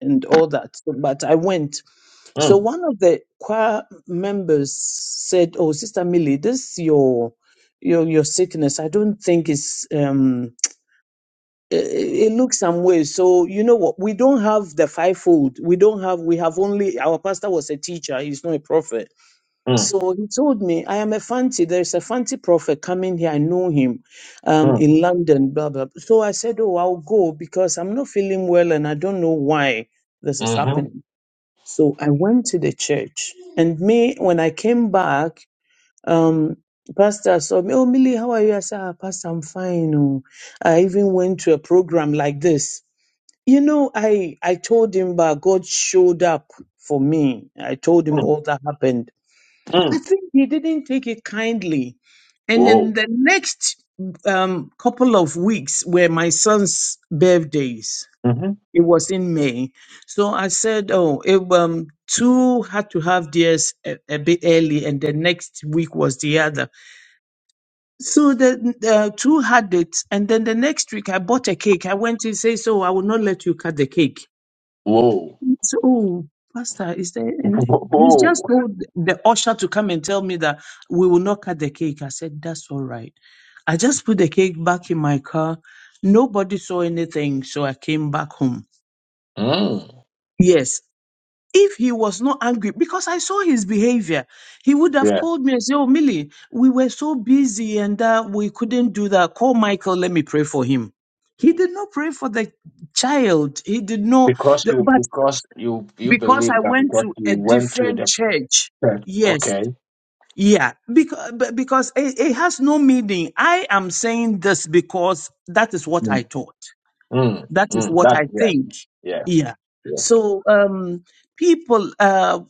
S9: and all that, so- but I went so
S1: mm,
S9: one of the choir members said, "Oh, Sister Millie, this your your your sickness. I don't think it's um it, it looks some way. So you know what? We don't have the fivefold. We don't have. We have only our pastor was a teacher. He's not a prophet.
S1: mm,
S9: So he told me, I am a fancy. There is a fancy prophet coming here. I know him, um,
S1: mm,
S9: in London. Blah blah. So I said, Oh, I'll go because I'm not feeling well and I don't know why this is
S1: mhm,
S9: happening. So I went to the church, and me when I came back, um, pastor saw me. Oh, Millie, how are you? I said, ah, Pastor, I'm fine. oh." I even went to a program like this. You know, I I told him, but God showed up for me. I told him
S1: mm,
S9: all that happened. I
S1: mm.
S9: think he didn't take it kindly, and
S1: Whoa.
S9: then the next um couple of weeks were my son's birthdays
S1: hmm
S9: it was in May. So I said, oh, it, um, two had to have theirs a, a bit early, and the next week was the other. So the uh, two had it, and then the next week I bought a cake. I went and say, so I will not let you cut the cake.
S1: Whoa.
S9: So, oh, Pastor, is there?
S1: (laughs)
S9: And he just
S1: Whoa.
S9: told the usher to come and tell me that we will not cut the cake. I said, that's all right. I just put the cake back in my car. Nobody saw anything, so I came back home.
S1: Mm.
S9: Yes, if he was not angry, because I saw his behavior, he would have called me and said, Oh, Millie, we were so busy and uh, we couldn't do that. Call Michael, let me pray for him. He did not pray for the child. He did not,
S1: Because
S9: the-
S1: you
S9: but
S1: because you you
S9: because
S1: believe
S9: I
S1: that
S9: went
S1: because
S9: to
S1: you
S9: a
S1: went through the
S9: different church,
S1: test,
S9: yes,
S1: okay.
S9: yeah, because, because it, it has no meaning. I am saying this because that is what I
S1: Mm.
S9: taught,
S1: Mm.
S9: that is
S1: Mm.
S9: what
S1: That
S9: I
S1: yeah,
S9: think.
S1: yeah,
S9: Yeah.
S1: yeah.
S9: So, um, people. uh,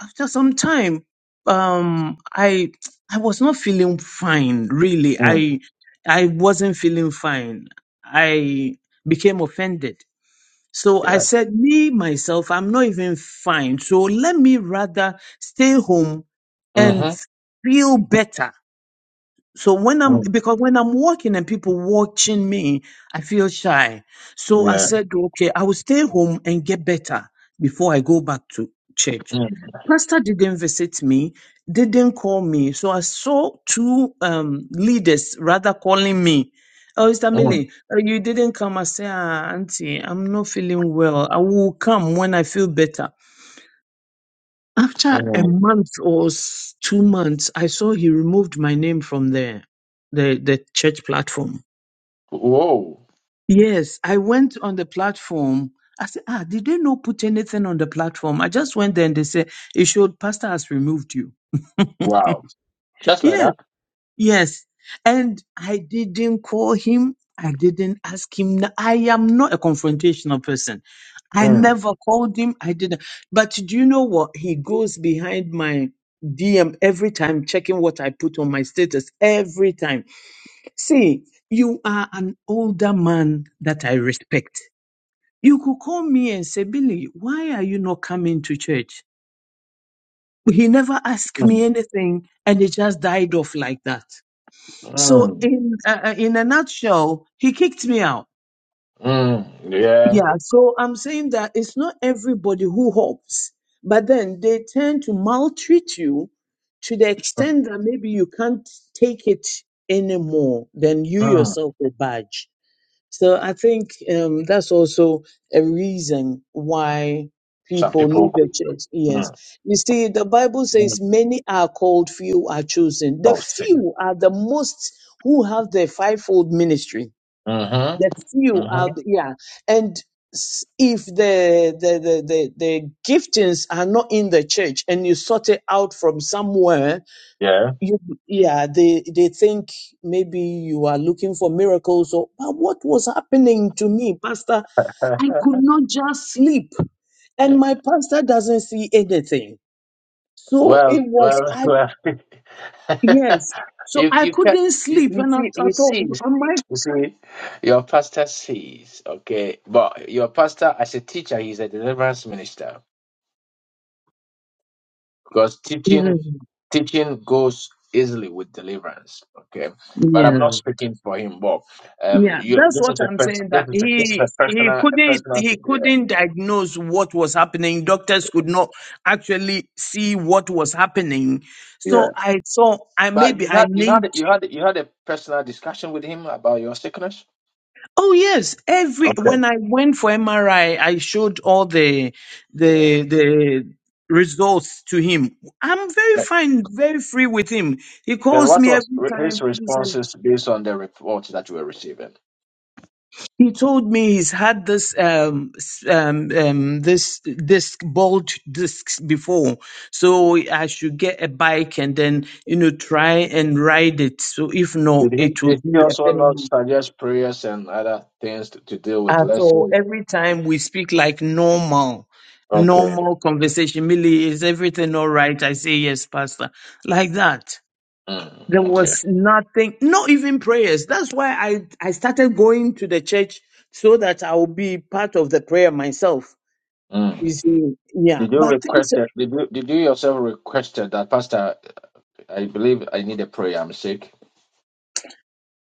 S9: after some time um i i was not feeling fine really
S1: Mm.
S9: i i wasn't feeling fine i became offended so i
S1: Yeah.
S9: said me myself i'm not even fine so let me rather stay home and
S1: Mm-hmm.
S9: feel better so when I'm
S1: Mm.
S9: because when I'm walking and people watching me, I feel shy. So I
S1: Yeah.
S9: said, okay, I will stay home and get better before I go back to church.
S1: Mm.
S9: Pastor didn't visit me, didn't call me. So I saw two um, leaders rather calling me. Oh, Mr.
S1: Mm.
S9: Millie, uh, you didn't come. I say, ah, Auntie, I'm not feeling well. I will come when I feel better. After a
S1: Mm.
S9: month or s- two months, I saw he removed my name from the, the, the church platform.
S1: Whoa.
S9: Yes, I went on the platform. I said, ah, did they not put anything on the platform? I just went there and they said, it showed pastor has removed you.
S1: Wow. Just like
S9: Yes.
S1: that.
S9: Yes. And I didn't call him. I didn't ask him. No, I am not a confrontational person. I
S1: Mm.
S9: never called him. I didn't. But do you know what? He goes behind my DM every time, checking what I put on my status every time. See, you are an older man that I respect. You could call me and say, Billy, why are you not coming to church? He never asked me
S1: Mm.
S9: anything and it just died off like that. So
S1: Mm.
S9: in uh, uh, in a nutshell, he kicked me out.
S1: Mm. Yeah.
S9: Yeah. So I'm saying that it's not everybody who hopes, but then they tend to maltreat you to the
S1: Mm.
S9: extent that maybe you can't take it anymore. Then you
S1: Mm.
S9: yourself will budge. So I think um, that's also a reason why
S1: Some
S9: people
S1: people
S9: leave the
S1: could
S9: church. Yes.
S1: mm.
S9: You see, the Bible says
S1: Mm.
S9: many are called, few are chosen. The
S1: Oh see.
S9: few are the most who have the fivefold ministry. The
S1: Mm-hmm.
S9: few are,
S1: Mm-hmm.
S9: the- yeah. And s- if the, the, the, the, the giftings are not in the church and you sort it out from somewhere,
S1: Yeah.
S9: you yeah they they think maybe you are looking for miracles or but what was happening to me pastor
S1: (laughs)
S9: i could not just sleep and my pastor doesn't see anything so it
S1: well,
S9: was
S1: well, (laughs)
S9: i
S1: well.
S9: yes
S1: (laughs)
S9: so
S1: you
S9: i
S1: you can
S9: couldn't
S1: you,
S9: sleep
S1: you
S9: and i,
S1: see
S9: I
S1: you
S9: thought
S1: see
S9: am i
S1: You see, your pastor says, okay, but your pastor as a teacher, he's a deliverance minister because teaching
S9: Mhm.
S1: teaching goes easily with deliverance. Okay, but I'm
S9: yeah
S1: not speaking for him, Bob. Um,
S9: Yeah,
S1: you
S9: that's
S1: this
S9: what
S1: is a
S9: I'm
S1: person,
S9: saying.
S1: this
S9: That
S1: is a, this is a
S9: he he
S1: personal a
S9: couldn't
S1: personal
S9: he
S1: thing. Yeah,
S9: couldn't diagnose what was happening. Doctors could not actually see what was happening.
S1: yeah.
S9: So I saw I
S1: But
S9: maybe
S1: you
S9: I
S1: had you
S9: need.
S1: had you had you had a personal discussion with him about your sickness.
S9: Oh yes, every
S1: Okay.
S9: when I went for MRI, I I showed all the
S1: Yeah.
S9: the the results to him. I'm very fine, very free with him. He
S1: And
S9: calls
S1: what
S9: me
S1: was
S9: every
S1: re- his
S9: time.
S1: responses based on the report that you were receiving?
S9: He told me he's had this um, s- um, um, this disc bolt discs before, so I should get a bike and then you know try and ride it. So if not,
S1: Did he,
S9: it will
S1: did he
S9: be a
S1: also not
S9: permanent.
S1: suggest prayers and other things to, to deal with?
S9: Uh,
S1: Let's
S9: so
S1: see.
S9: every time we speak like normal,
S1: Okay.
S9: normal conversation, Millie, is everything all right? I say yes, Pastor, like that.
S1: Mm,
S9: There
S1: okay.
S9: was nothing, not even prayers. That's why I, I started going to the church so that I will be part of the prayer myself.
S1: Mm.
S9: You see, yeah.
S1: Did you
S9: But
S1: request
S9: things
S1: that? Did you, did you yourself requested that, Pastor? I believe I need a prayer. I'm sick.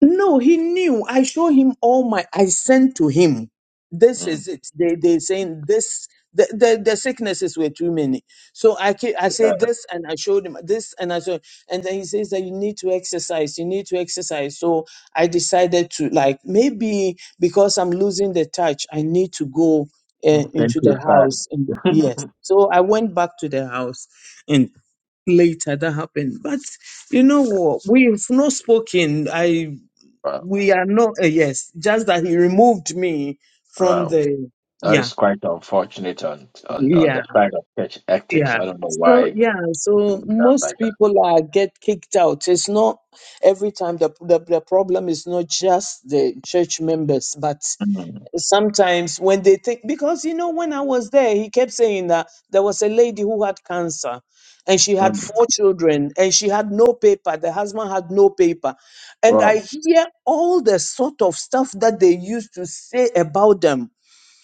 S9: No, he knew. I show him all my. I sent to him. This
S1: Mm.
S9: is it. They they saying this. The, the the sicknesses were too many. So I ca- I say
S1: Yeah.
S9: this and I showed him this and I showed and then he says that you need to exercise. You need to exercise. So I decided to like maybe because I'm losing the touch, I need to go uh,
S1: Thank
S9: into
S1: you,
S9: the
S1: Father.
S9: house. And
S1: (laughs)
S9: yes, so I went back to the house, and later that happened. But you know what? We've not spoken. I
S1: wow.
S9: we are not uh, yes just that he removed me from
S1: Wow.
S9: the
S1: That
S9: yeah
S1: is quite unfortunate on, on, on
S9: yeah
S1: the side of church ethics.
S9: yeah
S1: I don't know why
S9: so
S1: it's
S9: yeah so
S1: done
S9: most
S1: like
S9: people are get kicked out it's not every time the, the the problem is not just the church members but
S1: that. Mm,
S9: sometimes when they think because you know when i was there he kept saying that there was a lady who had cancer and she
S1: mm.
S9: had four children and she had no paper the husband had no paper and i
S1: Wow.
S9: hear all the sort of stuff that they used to say about them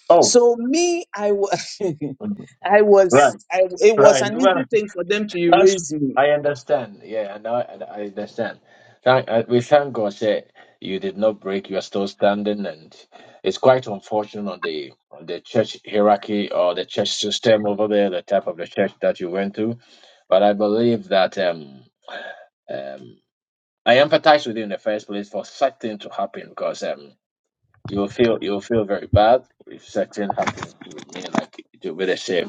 S1: Oh,
S9: so me i was
S1: mm.
S9: (laughs) i
S1: right,
S9: was I, it was
S1: right.
S9: an
S1: (laughs)
S9: easy thing for them to
S1: That's,
S9: erase me
S1: I understand. Yeah, I know. I I understand. Thank, uh, we thank God that you did not break. You are still standing, and it's quite unfortunate on the on the church hierarchy or the church system over there, the type of the church that you went to. But I believe that um um I empathize with you in the first place for such thing to happen because um you'll feel you'll feel very bad if such thing happens to me, like it will be the same.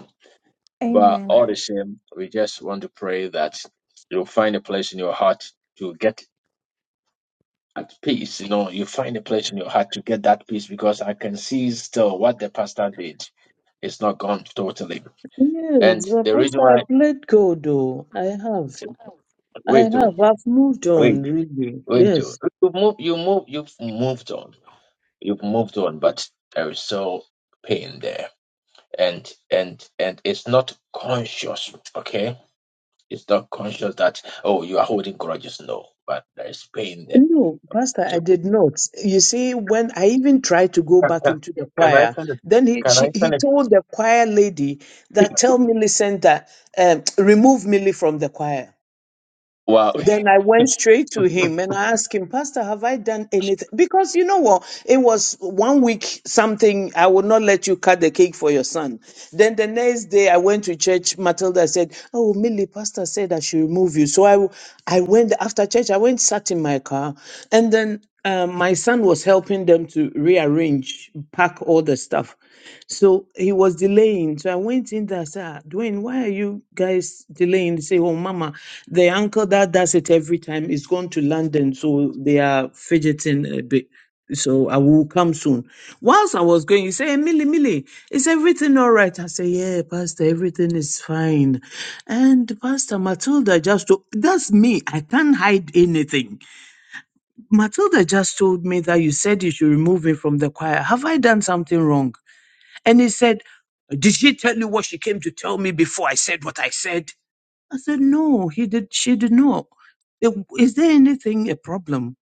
S1: But
S11: Amen.
S1: all the same, we just want to pray that you'll find a place in your heart to get at peace. You know, you find a place in your heart to get that peace because I can see still what the pastor did. It's not gone totally.
S9: yes
S1: And
S9: but
S1: the reason
S9: pastor
S1: why
S9: i've let go though i have i
S1: wait to
S9: have i've moved
S1: wait,
S9: on really
S1: wait
S9: yes
S1: to you move you move you've moved on. You've moved on, but there is still pain there. And and and it's not conscious, okay? It's not conscious that oh you are holding grudges. No, but there is pain there
S9: No, Pastor, I did not. You see, when I even tried to go back into the
S1: Can I
S9: choir,
S1: finish?
S9: then he
S1: Can
S9: she,
S1: I
S9: he
S1: finish?
S9: told the choir lady that tell Millicent that um, (tsk) remove Millie from the choir.
S1: Wow.
S9: Then I went straight to him and I asked him, Pastor, have I done anything? Because you know what? It was one week something, I will not let you cut the cake for your son. Then the next day I went to church. Matilda said, Oh, Millie, Pastor said I should remove you. So I, I went after church, I went, sat in my car. And then um, my son was helping them to rearrange, pack all the stuff. So he was delaying. So I went in there, I said, "Ah, Dwayne, why are you guys delaying? They say, Oh, mama, the uncle that does it every time is gone to London. So they are fidgeting a bit. So I will come soon. Whilst I was going, he said, "Eh, Millie, Millie, is everything all right? I say, Yeah, Pastor, everything is fine. And Pastor Matilda just told that's me. I can't hide anything. Matilda just told me that you said you should remove me from the choir. Have I done something wrong? And he said, Did she tell you what she came to tell me before I said what I said? I said, No, he did she did not. "Then Is there anything a problem?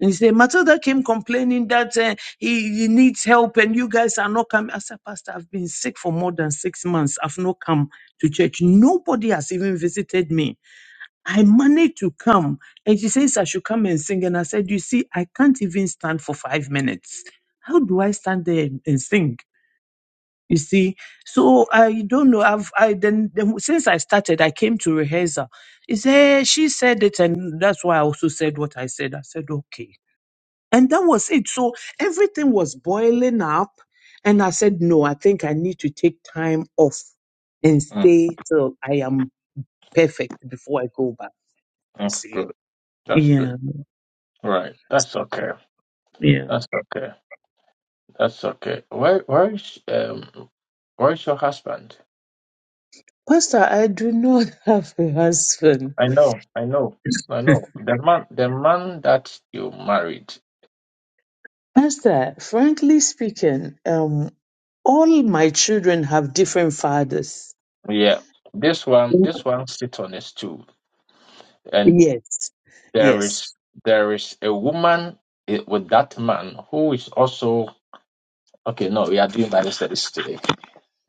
S9: And he said, Matilda came complaining that uh, he, he needs help and you guys are not coming. I said, Pastor, I've been sick for more than six months. I've not come to church. Nobody has even visited me. I managed to come. And she says I should come and sing. And I said, You see, I can't even stand for five minutes. How do I stand there and and sing? You see, so I don't know. I've I then, then since I started, I came to rehearsal. He said she said it, and that's why I also said what I said. I said okay, and that was it. So everything was boiling up, and I said no. I think I need to take time off and
S1: Mm,
S9: stay till I am perfect before I go back. You
S1: that's
S9: see,
S1: good. That's
S9: yeah,
S1: good. Right. That's okay.
S9: yeah.
S1: That's okay. That's okay. Where where is um where is your husband?
S9: Pastor, I do not (laughs) have a husband.
S1: I know, I know, I know. The man the man that you married.
S9: Pastor, frankly speaking, um, all my children have different fathers.
S1: Yeah. This one this one sit on his stool. And
S9: Yes,
S1: there
S9: yes.
S1: is there is a woman eh, with that man who is also okay, no, we are doing Bible studies today.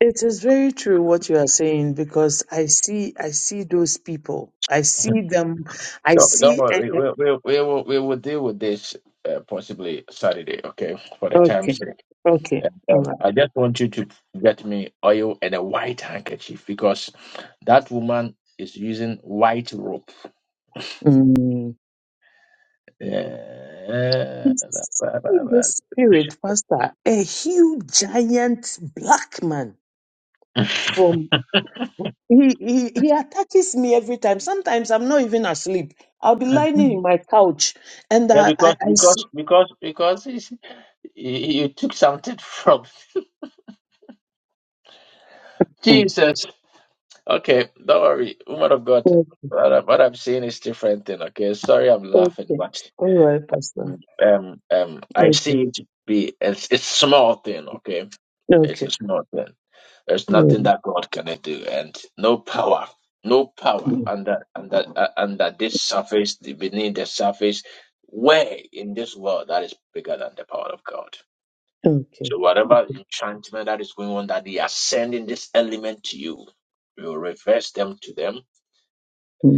S9: It is very true what you are saying because I see, I see those people. I see them. I
S1: Don't, don't
S9: see. eh,
S1: worry. We
S9: eh,
S1: will we, will we will we will deal with this uh, possibly Saturday, okay? For the time's
S9: Okay,
S1: sake.
S9: okay,
S1: And,
S9: all
S1: um,
S9: right.
S1: I just want you to get me oil and a white handkerchief because that woman is using white rope.
S9: Mm.
S1: Yeah,
S9: It's in the spirit, Pastor, a huge, giant black man. from. He, he he attacks me every time. Sometimes I'm not even asleep. I'll be lying in my couch and
S1: yeah
S9: I
S1: because
S9: I, I see.
S1: because because because you, you took something (laughs) from
S9: Mm,
S1: Jesus. Okay, don't worry, woman of God.
S9: Okay,
S1: What, I, what I'm saying is different thing. Okay, sorry, I'm laughing,
S9: okay.
S1: but
S9: All right, Pastor.
S1: Um, um, I
S9: Okay.
S1: see it to be it's it's small thing, okay? It's a
S9: Okay.
S1: small thing. There's nothing
S9: Mm,
S1: that God cannot do, and no power, no power
S9: mm,
S1: under under uh, under this surface, the- beneath the surface, where in this world that is bigger than the power of God.
S9: Okay.
S1: So whatever
S9: Okay.
S1: enchantment that is going on, that they are sending this element to you, we will reverse them to them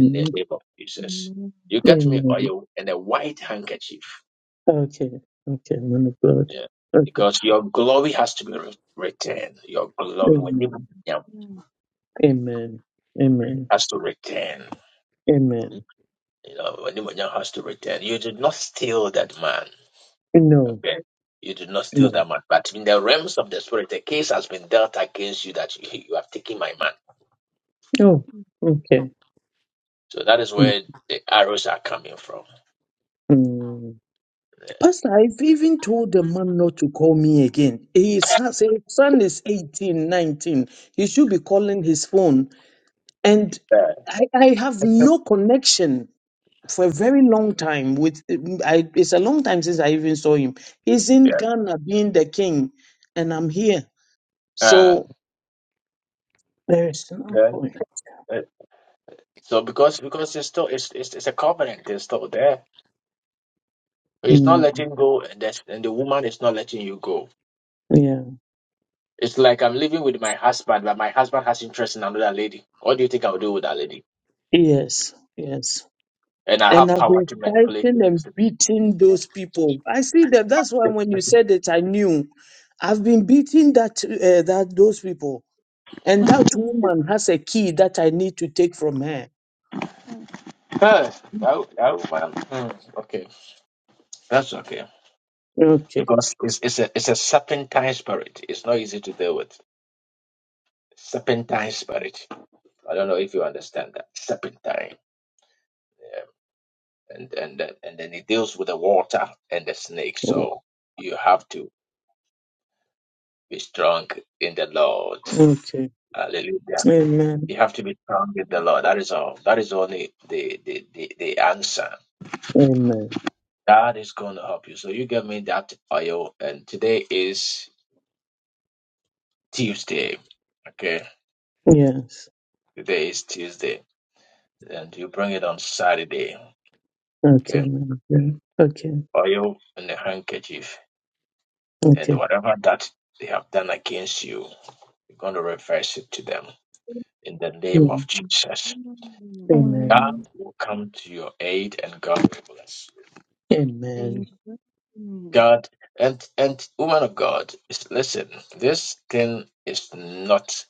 S1: in the name of Jesus.
S2: Amen.
S1: You get me
S9: Amen.
S1: oil and a white handkerchief
S9: Okay. Okay. Man of God.
S1: Yeah.
S9: Okay.
S1: Because your glory has to be re- returned. Your glory, when you
S9: Amen. Amen. Amen.
S1: has to return.
S9: Amen.
S1: You know, when you has to return. You did not steal that man.
S9: No.
S1: Okay. You did not steal
S9: No.
S1: that man. But in the realms of the spirit, the case has been dealt against you that you, you have taken my man.
S9: Oh. Okay.
S1: So that is
S9: Mm,
S1: where the arrows are coming from.
S9: mm.
S1: Yeah.
S9: Pastor, I've even told the man not to call me again. His son, his son is 18, 19. He should be calling his phone. And
S1: Yeah.
S9: I, I have no connection for a very long time with I, it's a long time since I even saw him. He's in Ghana being the king, and I'm here.
S1: Yeah. Uh,
S9: So there is no
S1: yeah.
S9: point.
S1: Uh, So because because it's still it's, it's it's a covenant, it's still there. He's not
S9: Mm,
S1: letting go, and, that's, and the woman is not letting you go.
S9: yeah.
S1: It's like I'm living with my husband, but my husband has interest in another lady. What do you think I'll do with that lady?
S9: Yes. Yes.
S1: And I
S9: And
S1: have
S9: I've
S1: power
S9: been
S1: to manipulate the
S9: fighting and
S1: system.
S9: beating those people. I see them. That's why when you said it, I knew. I've been beating that uh, that those people, and that woman has a key that I need to take from her.
S1: Huh, (laughs) that, that woman. Hmm, okay, that's okay.
S9: Okay.
S1: Because it's, it's a it's a serpentine spirit. It's not easy to deal with. Serpentine spirit. I don't know if you understand that. Serpentine, and and then- and then it deals with the water and the snake.
S9: Wow.
S1: So you have to be strong in the Lord.
S9: Okay.
S1: Hallelujah.
S9: Amen.
S1: You have to be strong with the Lord. That is all. That is only the the the, the answer.
S9: Amen.
S1: That is going to help you. So you get me that oil. And today is Tuesday. Okay,
S9: Yes.
S1: today is Tuesday, and you bring it on Saturday.
S9: Okay.
S1: Okay,
S9: Amen. Yeah. Okay.
S1: oil and a handkerchief, and
S9: Okay.
S1: whatever that they have done against you, you're going to reverse it to them in the
S9: Yeah.
S1: name of Jesus.
S9: Amen.
S1: God
S11: Amen.
S1: will come to your aid, and God will bless.
S9: Amen.
S2: Amen. Amen.
S1: God and and woman of God, is- listen, this thing is not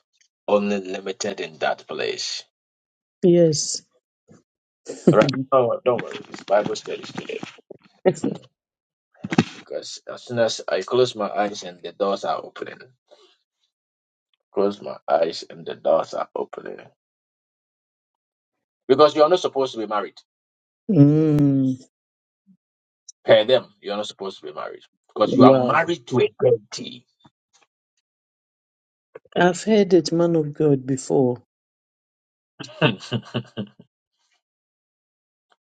S1: only limited in that place.
S9: Yes. (laughs)
S1: All right.
S9: mm.
S1: Oh, don't worry. It's Bible studies today because as soon as I close my eyes and the doors are opening, close my eyes and the doors are opening. Because you are not supposed to be married. Per them, you are not supposed to be married because you are
S9: Wow.
S1: married to a deity.
S9: I've heard it, man of God, before.
S1: (laughs)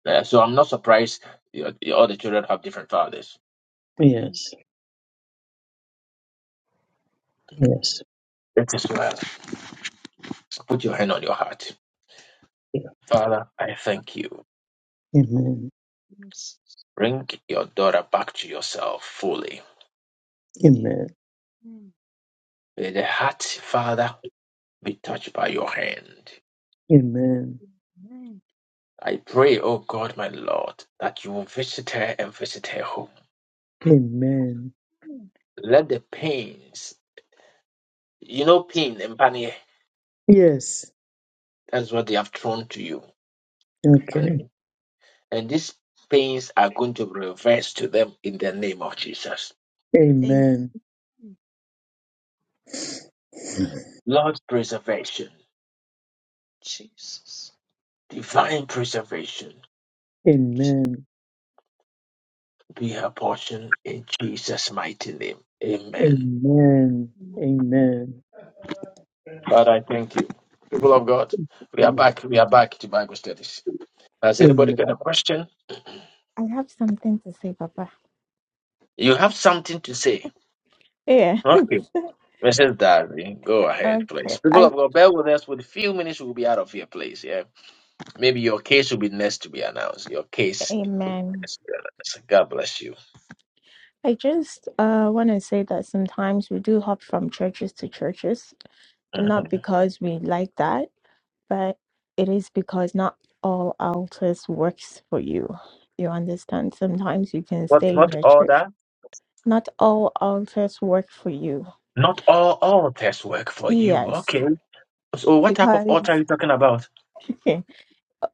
S1: Yeah, so I'm not surprised you know, all the children have different fathers.
S2: Amen.
S9: Yes. Yes.
S1: It is well. Put your hand on your heart. Father, I thank you.
S9: Amen.
S2: Yes.
S1: Bring your daughter back to yourself fully.
S9: Amen.
S1: May the heart, Father, be touched by your hand.
S9: Amen.
S1: I pray, O God, my Lord, that you will visit her and visit her home.
S9: Amen.
S2: Amen.
S1: Let the pains, you know, pain, Mpanye,
S9: Yes.
S1: that's what they have thrown to you,
S9: Okay.
S1: Mpanye. And these pains are going to be reversed to them in the name of Jesus.
S2: Amen.
S9: Amen.
S1: Lord, preservation,
S2: Jesus.
S1: divine preservation,
S2: Je-
S9: Amen.
S1: be her portion in Jesus' mighty name. Amen.
S9: Amen. Amen.
S1: Father, I thank you. People of God, we are back. We are back to Bible studies. Has anybody got a
S9: Amen.
S1: question?
S11: I have something to say, Papa.
S1: You have something to say.
S11: Yeah. (laughs)
S1: Okay. Mrs. Darby, go ahead, please.
S11: Okay.
S1: People
S11: I
S1: of God, bear with us. With a few minutes, we'll be out of here, please. Yeah. Maybe your case will be next to be announced. Your case. will be
S11: amen.
S1: next to be announced. God bless you.
S11: I just uh want to say that sometimes we do hop from churches to churches, and
S1: Mm.
S11: not because we like that, but it is because not all altars works for you. You understand? Sometimes you can
S1: What?
S11: stay in
S1: Not
S11: a
S1: all
S11: church.
S1: that?
S11: Not all altars work for you.
S1: Not all all tests work for you.
S11: Yes,
S1: Okay. So, what type of altar are
S11: because
S1: you talking about?
S11: (laughs)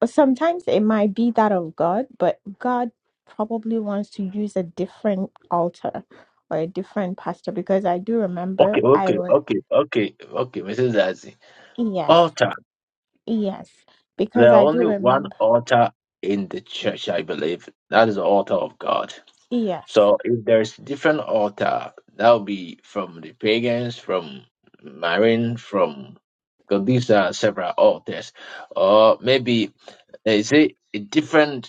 S11: sometimes it might be that of God, but God probably wants to use a different altar or a different pastor because I do
S1: Okay,
S11: remember I
S1: okay,
S11: was
S1: okay, okay, okay, Mrs. Zazi.
S11: yes,
S1: Altar.
S11: yes,
S1: There
S11: because
S1: are
S11: I do
S1: only one
S11: remember
S1: altar in the church, I believe. That is the altar of God.
S11: yes.
S1: So if there's different altar, that will be from the pagans, from Marine, from because these are several altars. Or maybe is it a different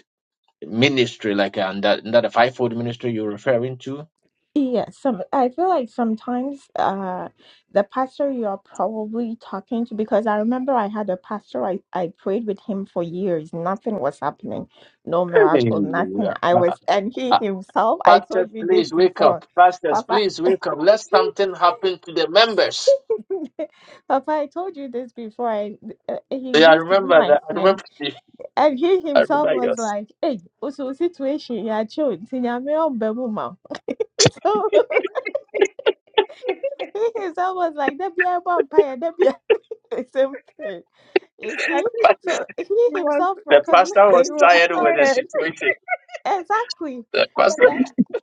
S1: ministry, like uh, that, that the fivefold ministry you're referring to.
S11: Yes, some I feel like sometimes uh the pastor you are probably talking to because I remember I had a pastor I, I prayed with him for years, nothing was happening, no
S1: Hey,
S11: miracle, nothing. I
S1: uh,
S11: was and he
S1: uh,
S11: himself, I
S1: Pastors,
S11: told you this
S1: please wake up.
S11: before,
S1: Pastors,
S11: Papa.
S1: please
S11: (laughs)
S1: wake up. Let something happen to the members.
S11: Papa, I told you this before. I, uh, he
S1: Yeah, I
S11: used to be
S1: remember
S11: my
S1: that. I
S11: friend,
S1: remember. (laughs)
S11: and he
S1: I
S11: himself
S1: remember
S11: was
S1: yours.
S11: like, "Hey, also situation, you are (laughs) children, so (laughs) Because I was like, there be a vampire, there be a (laughs) the same thing. You
S2: I
S11: see?
S2: think she,
S11: So he
S2: she was
S11: himself
S1: The
S2: she,
S11: recognized
S1: pastor
S2: she
S1: was
S2: was
S11: that.
S1: tired with the
S2: tired.
S1: situation.
S11: (laughs) exactly.
S1: The
S11: But
S1: pastor.
S11: then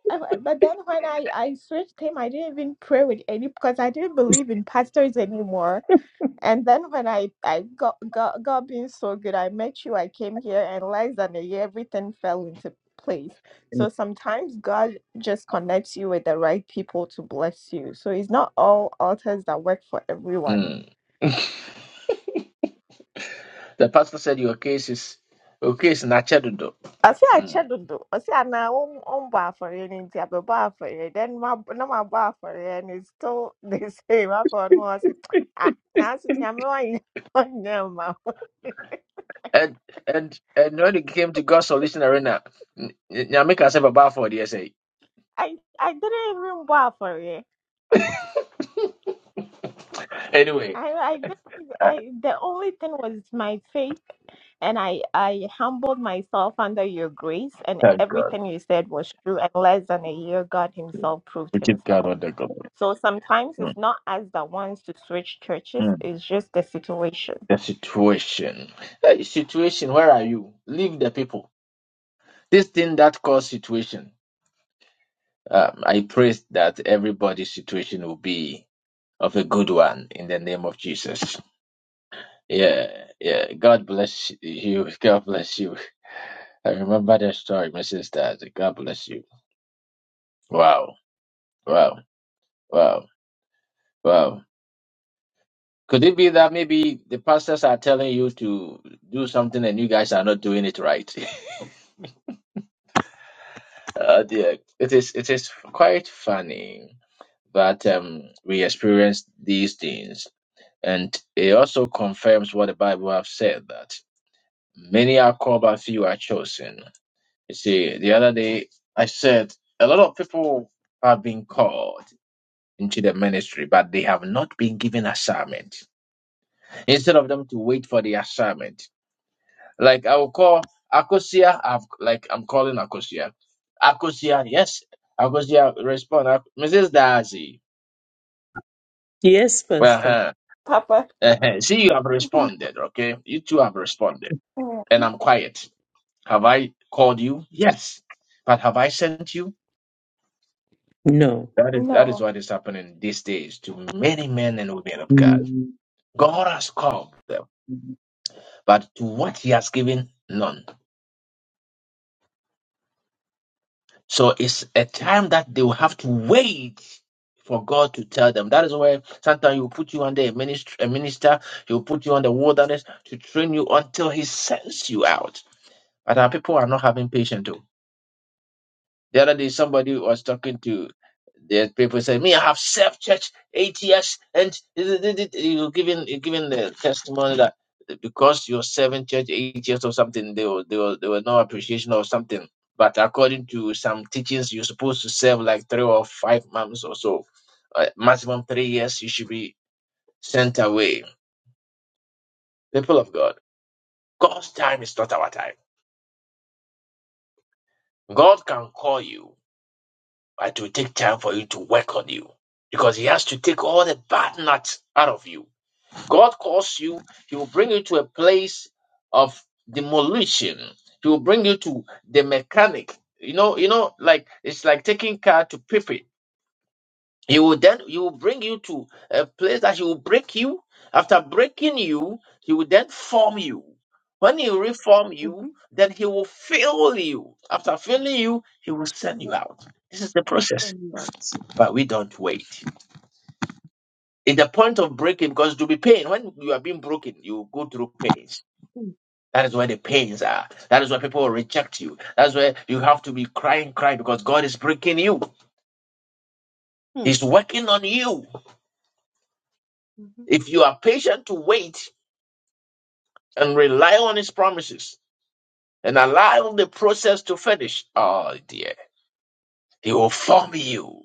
S11: uh, but then when I, I switched him, I didn't even pray with any because I didn't believe in pastors anymore. And then when I, I got, got got being so good, I met you, I came here and less than a year, everything fell into place. So sometimes God just connects you with the right people to bless you. So it's not all altars that work for everyone.
S1: Mm. The pastor said, "Your case is your case is nachedudo."
S11: I say I
S1: Mm.
S11: checked on do. I say na um um bar for you, and I be bar for you. Then my no my bar for you, and it's still (laughs) the same. I for no, I say ah, now I say nyame wa nyama. (laughs)
S1: And and and when it came to God's solution arena, Nyamika said, "Baba for the essay."
S11: I I didn't even bar for you.
S1: Anyway,
S11: I, I, didn't- I, the only thing was my faith, and I, I humbled myself under your grace, and
S1: thank God.
S11: everything you said was true. And less than a year, God Himself proved
S1: We keep God
S11: Himself.
S1: on the glory.
S11: So sometimes it's not us that wants to switch
S1: Mm.
S11: churches; it's just the situation.
S1: The situation. Hey, situation, where are you? Leave the people. This thing that caused situation. Um, I pray that everybody's situation will be of a good one in the name of Jesus. Yeah, yeah. God bless you. (laughs) God bless you. I remember that story, my sister. God bless you. Wow, wow, wow, wow. Could it be that maybe the pastors are telling you to do something and you guys are not doing it right? (laughs) Uh, dear, it is it is quite funny that um we experience these things, and it also confirms what the Bible have said that many are called but few are chosen. You see, the other day I said a lot of people have been called into the ministry, but they have not been given assignment. Instead of them to wait for the assignment, Like I will call Akosia. I've like I'm calling Akosia. Akosia, yes. Akosia respond. Ak- Mrs. Darcy.
S9: Yes,
S1: Well,
S9: Pastor.
S1: huh.
S11: Papa,
S1: uh-huh. see, you have
S11: (laughs)
S1: responded. Okay, you two have responded,
S11: Mm,
S1: and I'm quiet. Have I called you? Yes, but have I sent you?
S9: No.
S1: That is that
S11: no.
S1: is what is happening these days to many men and women of God.
S9: Mm.
S1: God has called them, but to what He has given, none. So it's a time that they will have to wait for God to tell them. That is why sometimes he will put you under a minister, a minister, he will put you on the wilderness to train you until he sends you out. But our people are not having patience. Too. The other day, somebody was talking to the people saying, "Me, I have served church eight years," and you giving you giving the testimony that because you're serving church eight years or something, there were, there were there were no appreciation or something. But according to some teachings, you're supposed to serve like three or five months or so, uh, maximum three years. You should be sent away. People of God, God's time is not our time. God can call you. But it will take time for you to work on you because He has to take all the bad nuts out of you. God calls you, He will bring you to a place of demolition. He will bring you to the mechanic. You know, you know, like it's like taking car to pip it. He will then he will bring you to a place that he will break you. After breaking you, he will then form you. When he reform
S2: Mm-hmm.
S1: you, then he will fill you. After filling you, he will send you
S2: Let's
S1: out. This is the process
S2: turn about it.
S1: but we don't wait. In the point of breaking, because to be pain, when you are being broken, you go through pains.
S2: Mm.
S1: That is where the pains are. That is where people will reject you. That's where you have to be crying, crying, because God is breaking you.
S2: Mm.
S1: He's working on you.
S2: Mhm,
S1: If you are patient to wait and rely on His promises and allow the process to finish, oh dear, He will form you.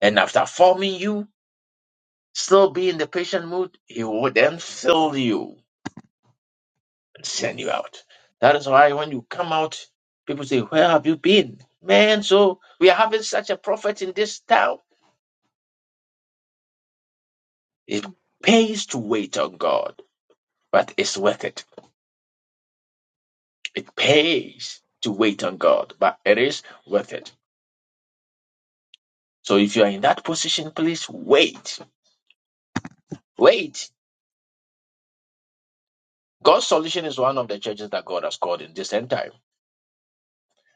S1: And after forming you, still be in the patient mood, He will then fill you. send you
S2: mhm,
S1: out. That is why when you come out, people say, Where have you been? Man, so we are having such a prophet in this town. It pays to wait on God, but it's worth it. It pays to wait on God, but it is worth it. So if you are in that position, please wait. Wait. God's solution is one of the churches that God has called in this end time.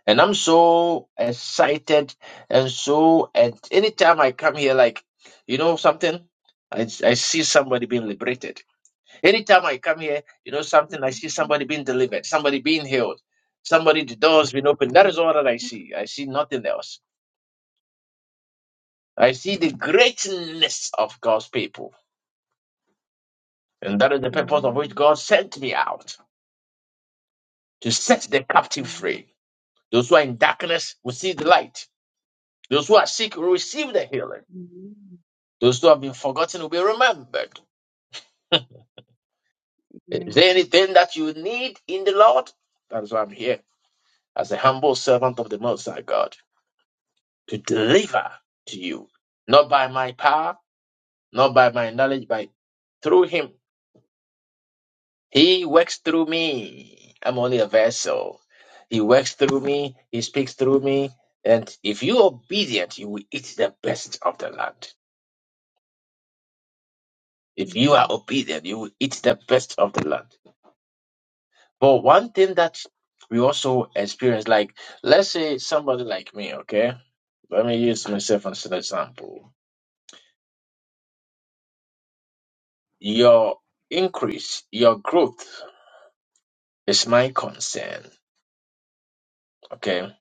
S1: And I'm so excited and so and anytime I come here, like you know something, I, I see somebody being liberated. Anytime I come here, you know something, I see
S2: mhm,
S1: somebody being delivered, somebody being healed, somebody the doors been opened. That
S2: mhm.
S1: is all that I see. I see nothing else. I see the greatness of God's people. And that is the purpose of which
S2: Amen.
S1: God sent me out to set the captive
S2: Amen.
S1: free. Those who are in darkness will see the light. Those who are sick will receive the healing.
S2: Amen.
S1: Those who have been forgotten will be remembered. Is
S2: Amen.
S1: there anything that you need in the Lord? That is why I'm here as a humble servant of the Most High God to deliver to you, not by my power, not by my knowledge, but through Him. He works through me. I'm only a vessel. He works through me. He speaks through me. And if you are obedient, you will eat the best of the land. If you are
S2: Amen.
S1: obedient, you will eat the best of the land. But one thing that we also experience, like let's say somebody like me, okay? Let me use myself as an example. Your increase, your growth is my concern, okay?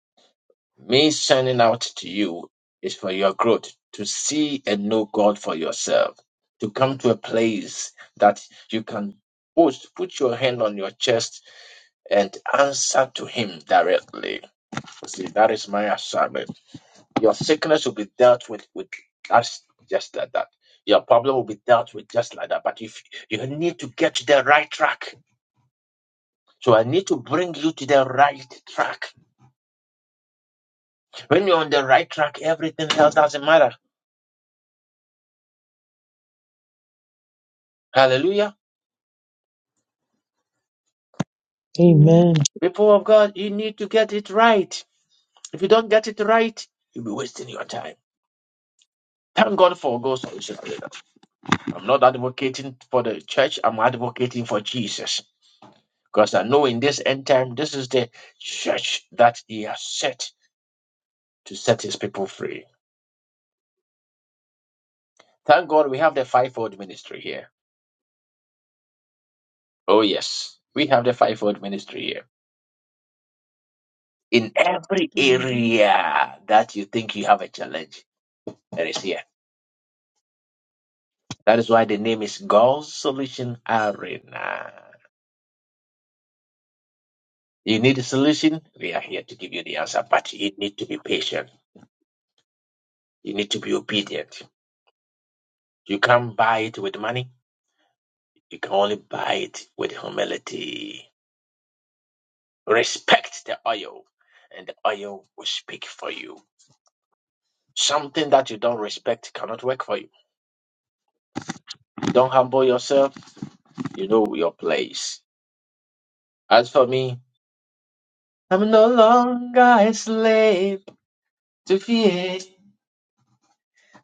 S1: Me sending out to you is for your growth, to see and know God for yourself, to come to a place that you can put, put your hand on your chest and answer to Him directly. See, that is my assignment Your sickness will be dealt with with us just like that. Your problem will be dealt with just like that. But if you need to get to the right track, so I need to bring you to the right track. When you're on the right track, everything else doesn't matter. Hallelujah.
S2: Amen.
S9: Amen.
S1: People of God, you need to get it right. If you don't get it right, you'll be wasting your time. Thank God for God's solution. I'm not advocating for the church, I'm advocating for Jesus. Because I know in this end time, this is the church that He has set to set his people free. Thank God we have the fivefold ministry here. Oh, yes, we have the fivefold ministry here. In every
S2: Hallelujah.
S1: area that you think you have a challenge, there is here. That is why the name is God's Solution Arena. You need a solution, we are here to give you the answer, but you need to be patient. You need to be obedient. You can't buy it with money, you can only buy it with humility. Respect the oil, and the oil will speak for you. Something that you don't respect cannot work for you. Don't humble yourself. You know your place. As for me, I'm no longer a slave to fear.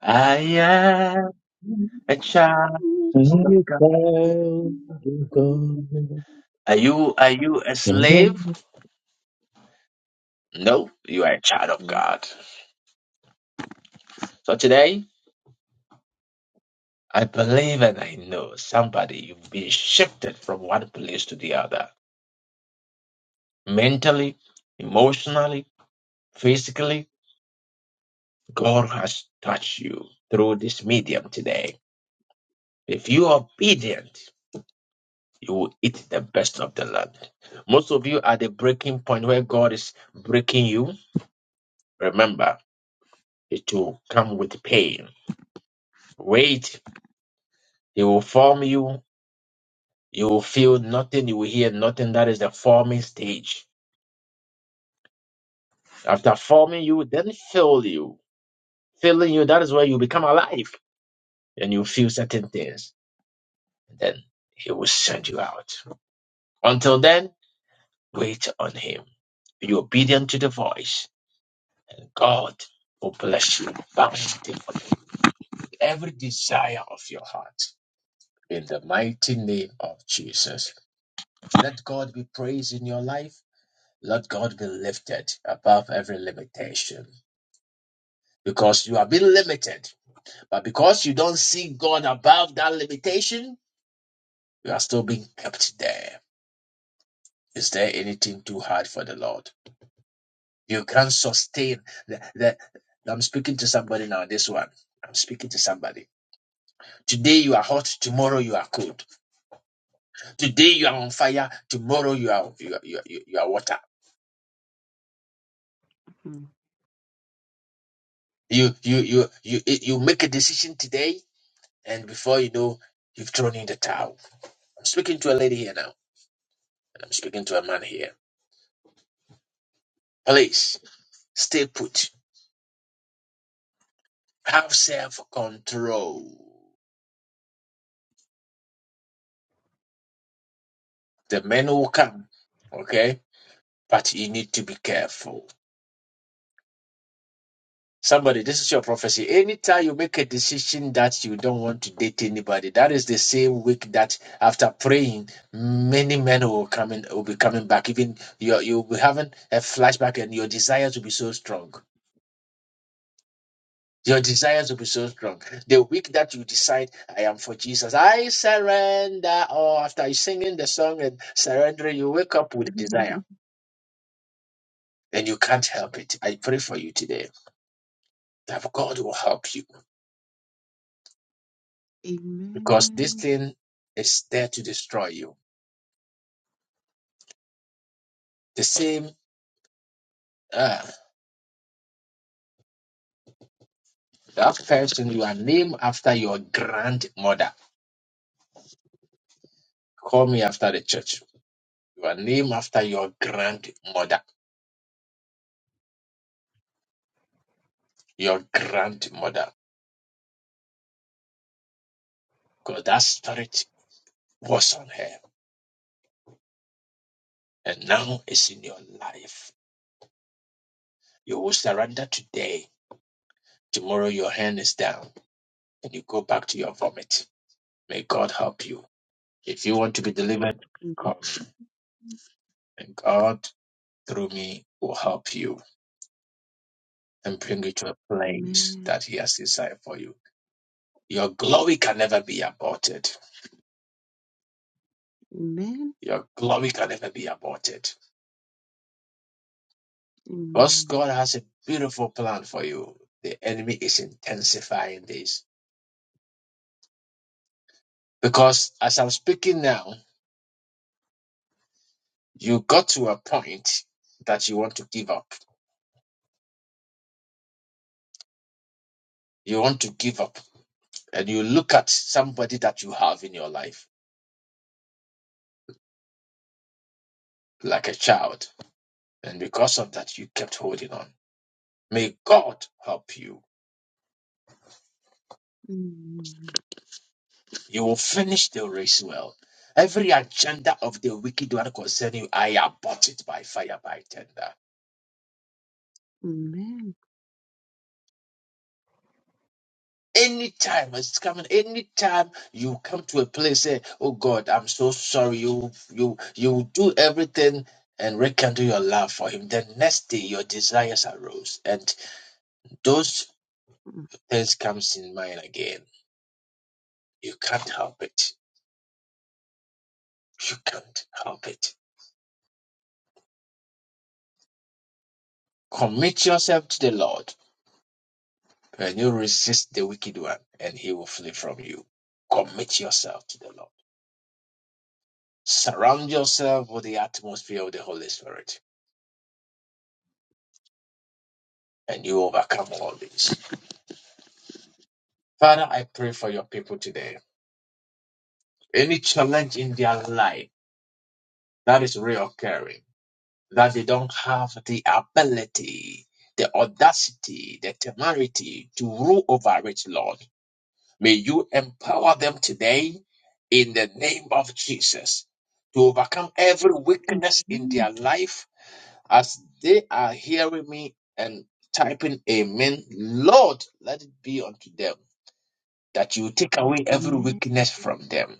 S1: I am a child
S9: I
S1: of God.
S9: found God.
S1: Are you are you a slave?
S9: Come
S1: No, you are a child of
S2: Oh.
S1: God. So today, I believe and I know somebody you've been shifted from one place to the other. Mentally, emotionally, physically, God has touched you through this medium today. If you are obedient, you will eat the best of the land. Most of you are at the breaking point where God is breaking you. Remember, it will come with pain. Wait, He will form you. You will feel nothing, you will hear nothing. That is the forming stage. After forming you, then fill you. Filling you, that is where you become alive. And you feel certain things. Then He will send you out. Until then, wait on Him. Be obedient to the voice God will bless you bountifully with every desire of your heart. In the mighty name of Jesus. Let God be praised in your life. Let God be lifted above every limitation. Because you are being limited. But because you don't see God above that limitation, you are still being kept there. Is there anything too hard for the Lord? You can sustain the, the I'm speaking to somebody now, this one. I'm speaking to somebody Today you are hot, tomorrow you are cold. Today you are on fire, tomorrow you are you are, you are, you are water.
S2: Mm.
S1: You you you you you make a decision today, and before you know, you've thrown in the towel. I'm speaking to a lady here now, and I'm speaking to a man here. Please stay put. Have self control. The men will come, okay, but you need to be careful. Somebody, this is your prophecy. Anytime you make a decision that you don't want to date anybody, that is the same week that after praying, many men will come in, will be coming back. Even you, you'll be having a flashback, and your desires will be so strong. Your desires will be so strong. The week that you decide, I am for Jesus, I surrender. Or after you singing the song and surrendering, you wake up with a
S2: (laughs)
S1: desire, and you can't help it. I pray for you today that God will help you. because this
S2: Amen.
S1: thing is there to destroy you. The same uh, that person you are named after your grandmother. Call me after the church. You are named after your grandmother. Your grandmother, because that spirit was on her, and now it's in your life. You will surrender today. Tomorrow your hand is down, and you go back to your vomit. May God help you. If you want to be delivered, come, and God through me will help you and bring you to a place
S2: Amen.
S1: that He has designed for you. Your glory can never be aborted.
S2: Amen.
S1: Your glory can never be aborted. Because
S2: Amen.
S1: God has a beautiful plan for you. The enemy is intensifying this. Because as I'm speaking now, you got to a point that you want to give up. You want to give up. And you look at somebody that you have in your life like a child. And because of that, you kept holding on. May God help you
S2: Amen.
S1: You will finish the race well. Every agenda of the wicked one concerning you, I abort it by fire, by tender.
S2: Amen.
S1: Anytime it's coming, anytime you come to a place, say, Oh God, I'm so sorry. You you you do everything and rekindle your love for him. The next day your desires arose and those
S2: Amen.
S1: things comes in mind again. You can't help it. You can't help it. Commit yourself to the Lord Can you resist the wicked one and he will flee from you? Commit yourself to the Lord. Surround yourself with the atmosphere of the Holy Spirit and you overcome all these. Father, I pray for your people today. Any challenge in their life that is reoccurring, that they don't have the ability, the audacity, the temerity to rule over it, Lord. May you empower them today in the name of Jesus to overcome every weakness in
S2: Amen.
S1: their life as they are hearing me and typing amen. Lord, let it be unto them that you take away every
S2: Amen.
S1: weakness from them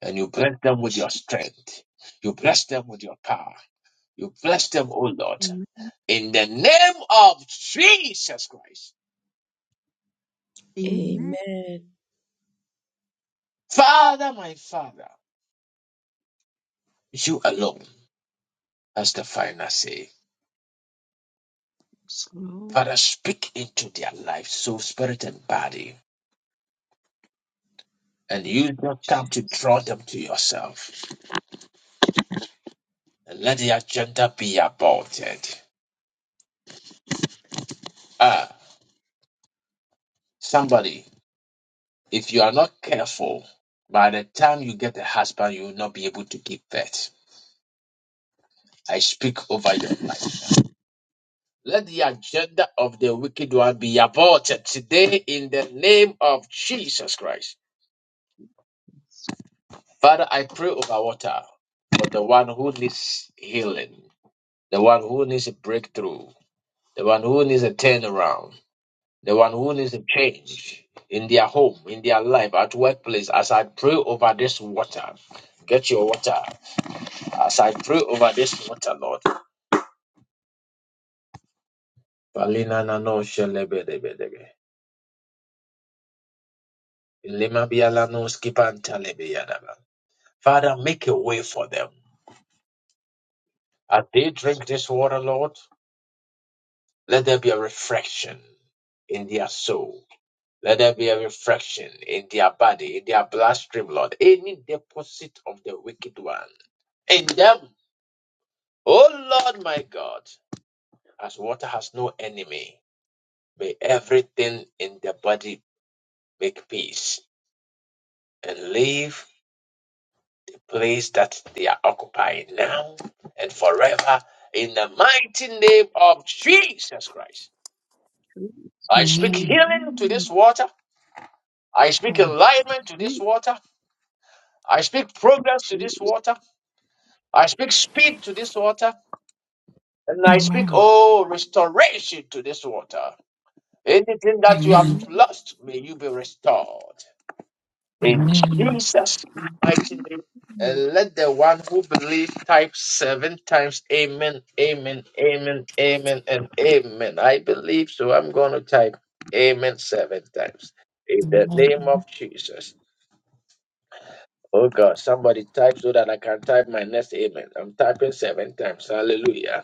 S1: and you bless them with your strength. You bless them with your power. You bless them, O Lord, in the name of Jesus Christ.
S2: Amen.
S6: Amen.
S1: Father, my Father, you alone has the final say.
S2: Yes, Lord
S1: Father, speak into their life, soul, spirit, and body, and use your time to
S2: Jesus.
S1: draw them to yourself. And let the agenda be aborted. Ah, somebody, if you are not careful, by the time you get a husband, you will not be able to give birth. I speak over your life. Let the agenda of the wicked one be aborted today in the name of Jesus Christ. Father, I pray over water for the one who needs healing, the one who needs a breakthrough the one who needs a turnaround, the one who needs a change in their home, in their life, at workplace. As I pray over this water, get your water. As I pray over this water, Lord. Palina na no shelebedebedebe. Ilima biala no skipantalebeyadaba. Father, make a way for them. As they
S2: Jesus.
S1: drink this water, Lord, let there be a reflection in their soul. Let there be a refraction in their body, in their bloodstream, Lord. Any deposit of the wicked one in them, oh Lord my God, as water has no enemy, may everything in their body make peace and leave the place that they are occupying now and forever in the mighty name of Jesus Christ. I
S2: Jesus.
S1: speak
S3: Amen.
S1: healing to
S2: Amen.
S1: this water. I speak enlightenment to this
S2: Sweet
S1: water. I speak progress to this
S2: Jesus.
S1: water. I speak speed to this water, and I speak,
S3: Amen.
S1: oh, restoration to this water. Anything that you have
S3: Amen.
S2: Amen.
S1: lost, may you be restored. In Jesus' mighty
S2: Amen.
S1: name. And let the one who believes type seven times amen, amen, amen, amen, and amen. I believe so. I'm going to type amen seven times. In the name
S3: Amen.
S1: of Jesus. Oh God, somebody type so that I can type my next amen. I'm typing seven times. Hallelujah.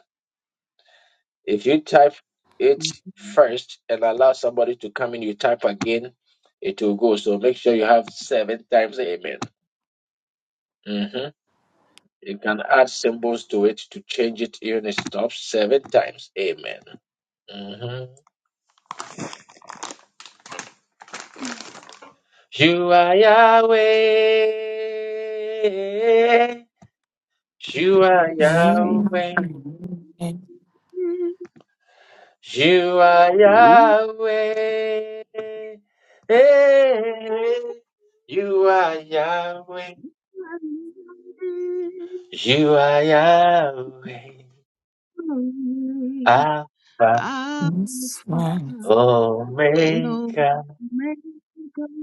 S1: If you type it
S2: Amen.
S1: first and allow somebody to come in, you type again, it will go. So make sure you have seven times amen. hmm You can add symbols to it to change it even it stops seven times amen. hmm You are Yahweh. You are
S2: Amen.
S3: You
S1: Yahweh.
S3: and
S1: You are
S2: Amen.
S1: Yahweh. Hey, you are Yahweh. You are Yahweh,
S2: Amen.
S1: Alpha
S3: this
S2: Alpha
S3: man.
S2: and
S1: Omega.
S2: Omega.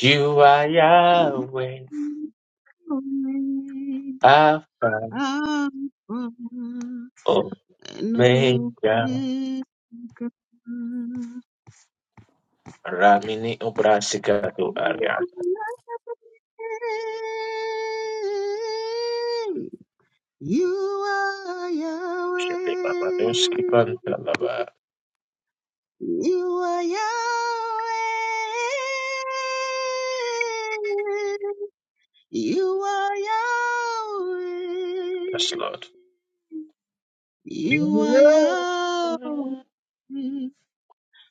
S1: You are Yahweh,
S2: Alpha and
S1: Alpha Omega.
S2: Omega.
S1: Ramini Obrasika to Ariad.
S2: You are Yahweh.
S1: Shepe Papadoski Pantalaba.
S2: You are Yahweh. You are
S1: Yes, Lord.
S2: Yahweh. You are
S1: You
S2: Yahweh,
S1: are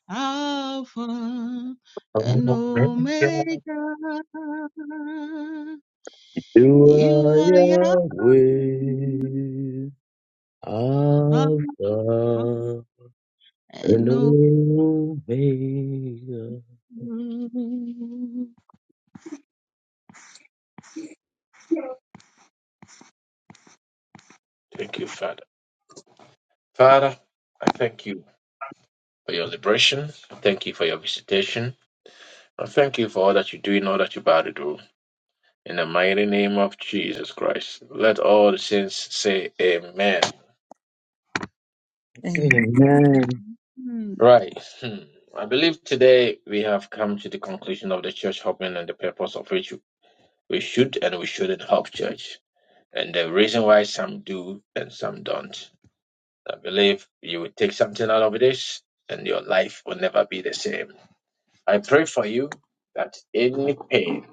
S2: Alpha and
S1: Omega.
S2: Omega.
S9: to
S2: You are Yahweh,
S9: Yahweh,
S2: Alpha
S9: Alpha and
S2: and Omega.
S9: Omega.
S2: Mhm.
S1: Thank you, Father. Father, I thank you for your liberation. I thank you for your visitation. I thank you for all that you do and all that you're about to do. In the mighty name of Jesus Christ. Let all the saints say amen.
S10: Amen.
S9: Amen.
S1: Right. Hmm. I believe today we have come to the conclusion of the church hopping and the purpose of which we should and we shouldn't hop church. And the reason why some do and some don't. I believe you will take something out of this and your life will never be the same. I pray for you that any pain,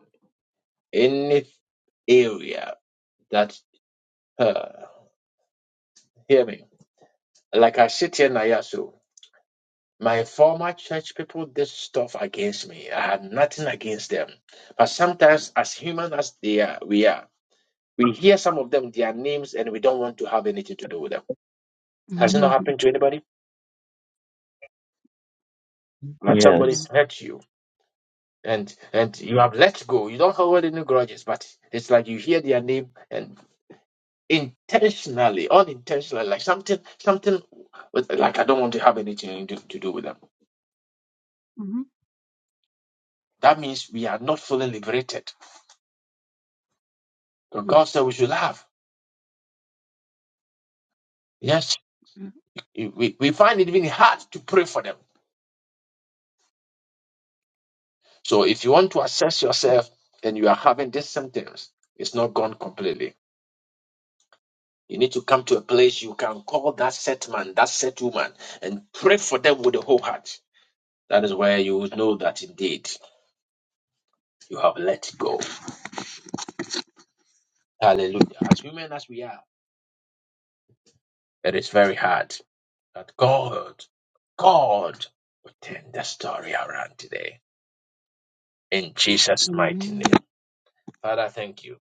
S1: any area that, uh, hear me, like I sit here, Nayasu. My former church people did stuff against me. I had nothing against them. But sometimes, as human as they are, we are, we hear some of them, their names, and we don't want to have anything to do with them. Has it not
S2: (laughs)
S1: happened to anybody? Like somebody
S2: Yeah.
S9: Yes.
S1: hurt you and and you
S2: Mm.
S1: have let go. You don't hold any grudges, but it's like you hear their name and intentionally, unintentionally, like something, something with, like I don't want to have anything to, to do with them.
S2: Mhm.
S1: That means we are not fully liberated. But
S2: Mm.
S1: God said we should love. Yes.
S2: Yeah.
S1: we, we find it even hard to pray for them. So if you want to assess yourself and you are having these symptoms, it's not gone completely. You need to come to a place you can call that set man, that set woman, and pray for them with the whole heart. That is where you will know that indeed you have let go. Hallelujah. As women as we are, it is very hard. But God, God will turn the story around today. In Jesus' mighty name.
S2: Amen.
S1: Father, thank you.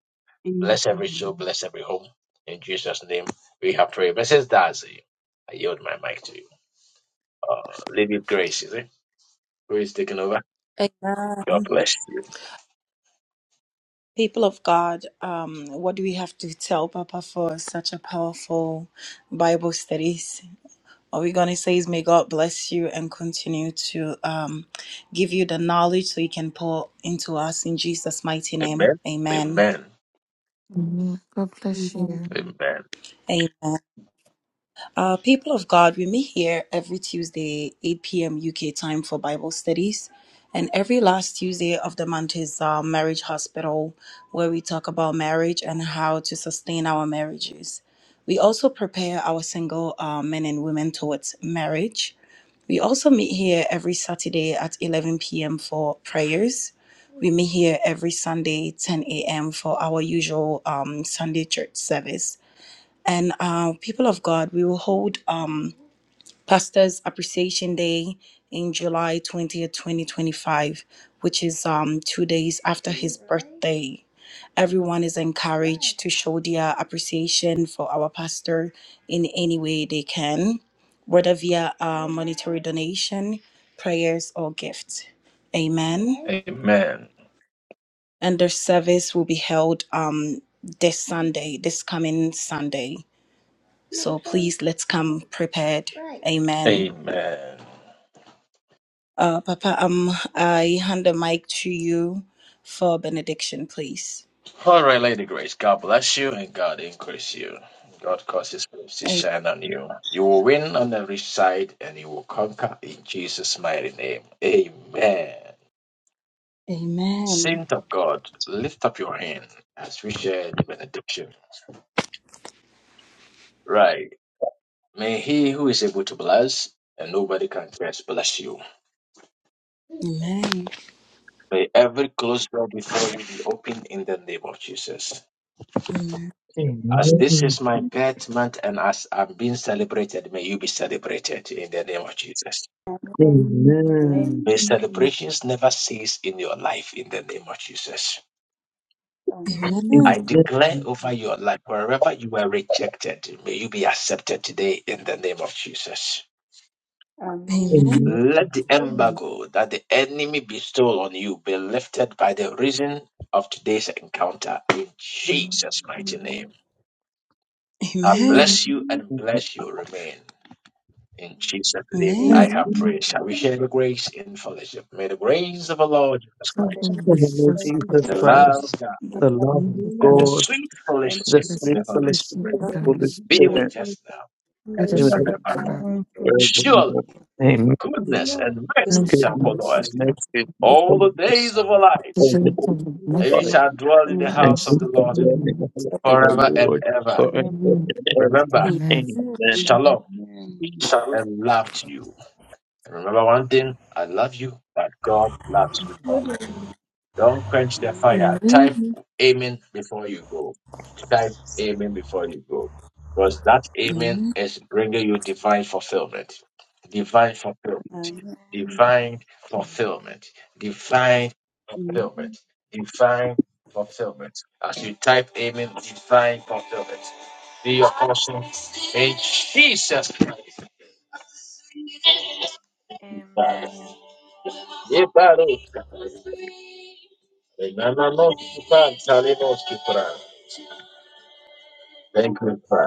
S1: Bless
S2: Amen.
S1: every soul, bless every home. In Jesus' name, we have prayed. Blessings, Darcy. I yield my mic to you. Uh, Lady Grace, is it? Grace taking over. God bless you.
S10: People of God, um, what do we have to tell Papa for such a powerful Bible study? All we're going to say is, may God bless you and continue to um, give you the knowledge so you can pour into us in Jesus' mighty name.
S1: Amen.
S10: Amen.
S1: Amen.
S3: Amen. God bless you.
S2: Amen.
S1: Amen.
S10: Amen. Uh, people of God, we meet here every Tuesday, 8 p.m. UK time for Bible studies. And every last Tuesday of the month is uh, Marriage Hospital, where we talk about marriage and how to sustain our marriages. We also prepare our single uh, men and women towards marriage We also meet here every Saturday at 11 p.m. for prayers. We meet here every Sunday, 10 a.m., for our usual um, Sunday church service. And uh, people of God, we will hold um, Pastor's Appreciation Day in July 20th, 2025, which is um, two days after his birthday everyone is encouraged to show their appreciation for our pastor in any way they can, whether via a monetary donation, prayers, or gifts. Amen.
S1: Amen.
S10: And the service will be held um, this Sunday, this coming Sunday. So please let's come prepared. Amen.
S1: Amen.
S10: Uh, Papa, um, I hand the mic to you for benediction, please.
S1: All right, Lady Grace, God bless you and God increase you. God cause His face to
S10: A-
S1: shine on you. You will win on every side and you will conquer in Jesus' mighty name. Amen.
S10: Amen.
S1: Saint of God, lift up your hand as we share the benediction. Right. May he who is able to bless, and nobody can curse, bless you.
S10: Amen.
S1: May every closed door before you be opened in the name of Jesus.
S10: Amen.
S1: As this is
S9: Amen.
S1: my birth month and as I'm being celebrated, may you be celebrated in the name of Jesus.
S12: Amen. Amen.
S9: Amen.
S1: May celebrations never cease in your life in the name of Jesus.
S12: Amen.
S10: Amen.
S2: Amen.
S1: I declare
S9: Amen.
S1: over your life, wherever you were rejected, may you be accepted today in the name of Jesus.
S12: Amen.
S10: Amen.
S9: Amen.
S2: Amen.
S1: Let the
S2: Amen.
S1: embargo that the enemy bestowed on you be lifted by the reason of today's encounter in Jesus' mighty name.
S12: Amen.
S1: I
S10: Amen.
S1: bless you
S2: Amen.
S1: and
S9: Amen.
S1: bless you remain. In Jesus' name,
S10: Amen.
S1: I
S2: Amen.
S1: have
S2: And
S9: In
S1: prayed. Shall we share the grace in fellowship? May the grace of our Lord Jesus
S3: So
S12: May the
S1: Christ,
S12: good
S3: God
S9: the
S3: bless
S9: name of
S12: Lord
S3: Jesus
S9: Jesus
S1: the
S12: bless
S3: Christ.
S12: you,
S1: love
S9: Christ,
S1: of God,
S12: give
S9: the
S12: us
S9: love
S3: We
S9: of
S1: and the
S12: joy,
S3: bless
S9: God,
S1: sweet
S12: and
S9: the
S1: fellowship
S12: peace
S1: of
S3: this
S9: sweet
S1: the
S3: is
S1: Holy
S3: the
S9: fellowship
S3: sheep
S1: Spirit
S9: of the
S12: through
S3: of
S12: the
S3: the Holy Spirit.
S1: be
S9: Holy
S10: You're
S12: grace.
S9: Spirit,
S1: with us now
S12: He
S3: Let
S12: will
S9: be
S3: us
S9: with
S1: and
S12: bless
S9: us
S1: forevermore.
S3: pray.
S12: now and forever.
S1: Surely
S9: forevermore. Amen.
S1: goodness and
S10: good.
S1: mercy shall
S9: Goodness,
S1: follow
S3: the
S1: us
S3: of
S9: mercy, and
S1: all the
S9: forgiveness
S1: days of
S12: Amen.
S1: our lives
S9: all the
S3: kitchen
S9: days
S3: from the
S9: of
S10: word
S1: and
S3: mess
S9: our
S1: we
S9: life,
S1: shall dwell in
S2: we
S1: the
S10: and
S3: and
S2: shall
S9: and
S2: do
S1: house of
S2: the
S9: keep
S1: the
S9: us
S1: Lord
S2: best
S9: dwelling in the house of the
S1: forever and
S9: Lord
S1: ever.
S2: we
S9: forever
S2: can.
S3: the
S9: and ever.
S1: Remember,
S3: Amen.
S9: Amen.
S1: shalom,
S2: Amen.
S1: peace, and love to you. And remember one thing I love you, but God loves you more. Don't quench the fire. Type
S10: Amen.
S1: amen before you go. Type amen before you go. Because that
S10: Amen.
S1: amen is bringing you divine fulfillment. Divine fulfillment
S12: Amen. Amen.
S1: divine fulfillment, divine
S2: Amen.
S1: fulfillment, divine fulfillment. As you type amen, divine fulfillment. Be your portion in Jesus Christ.
S6: Amen.
S1: Thank you, Father.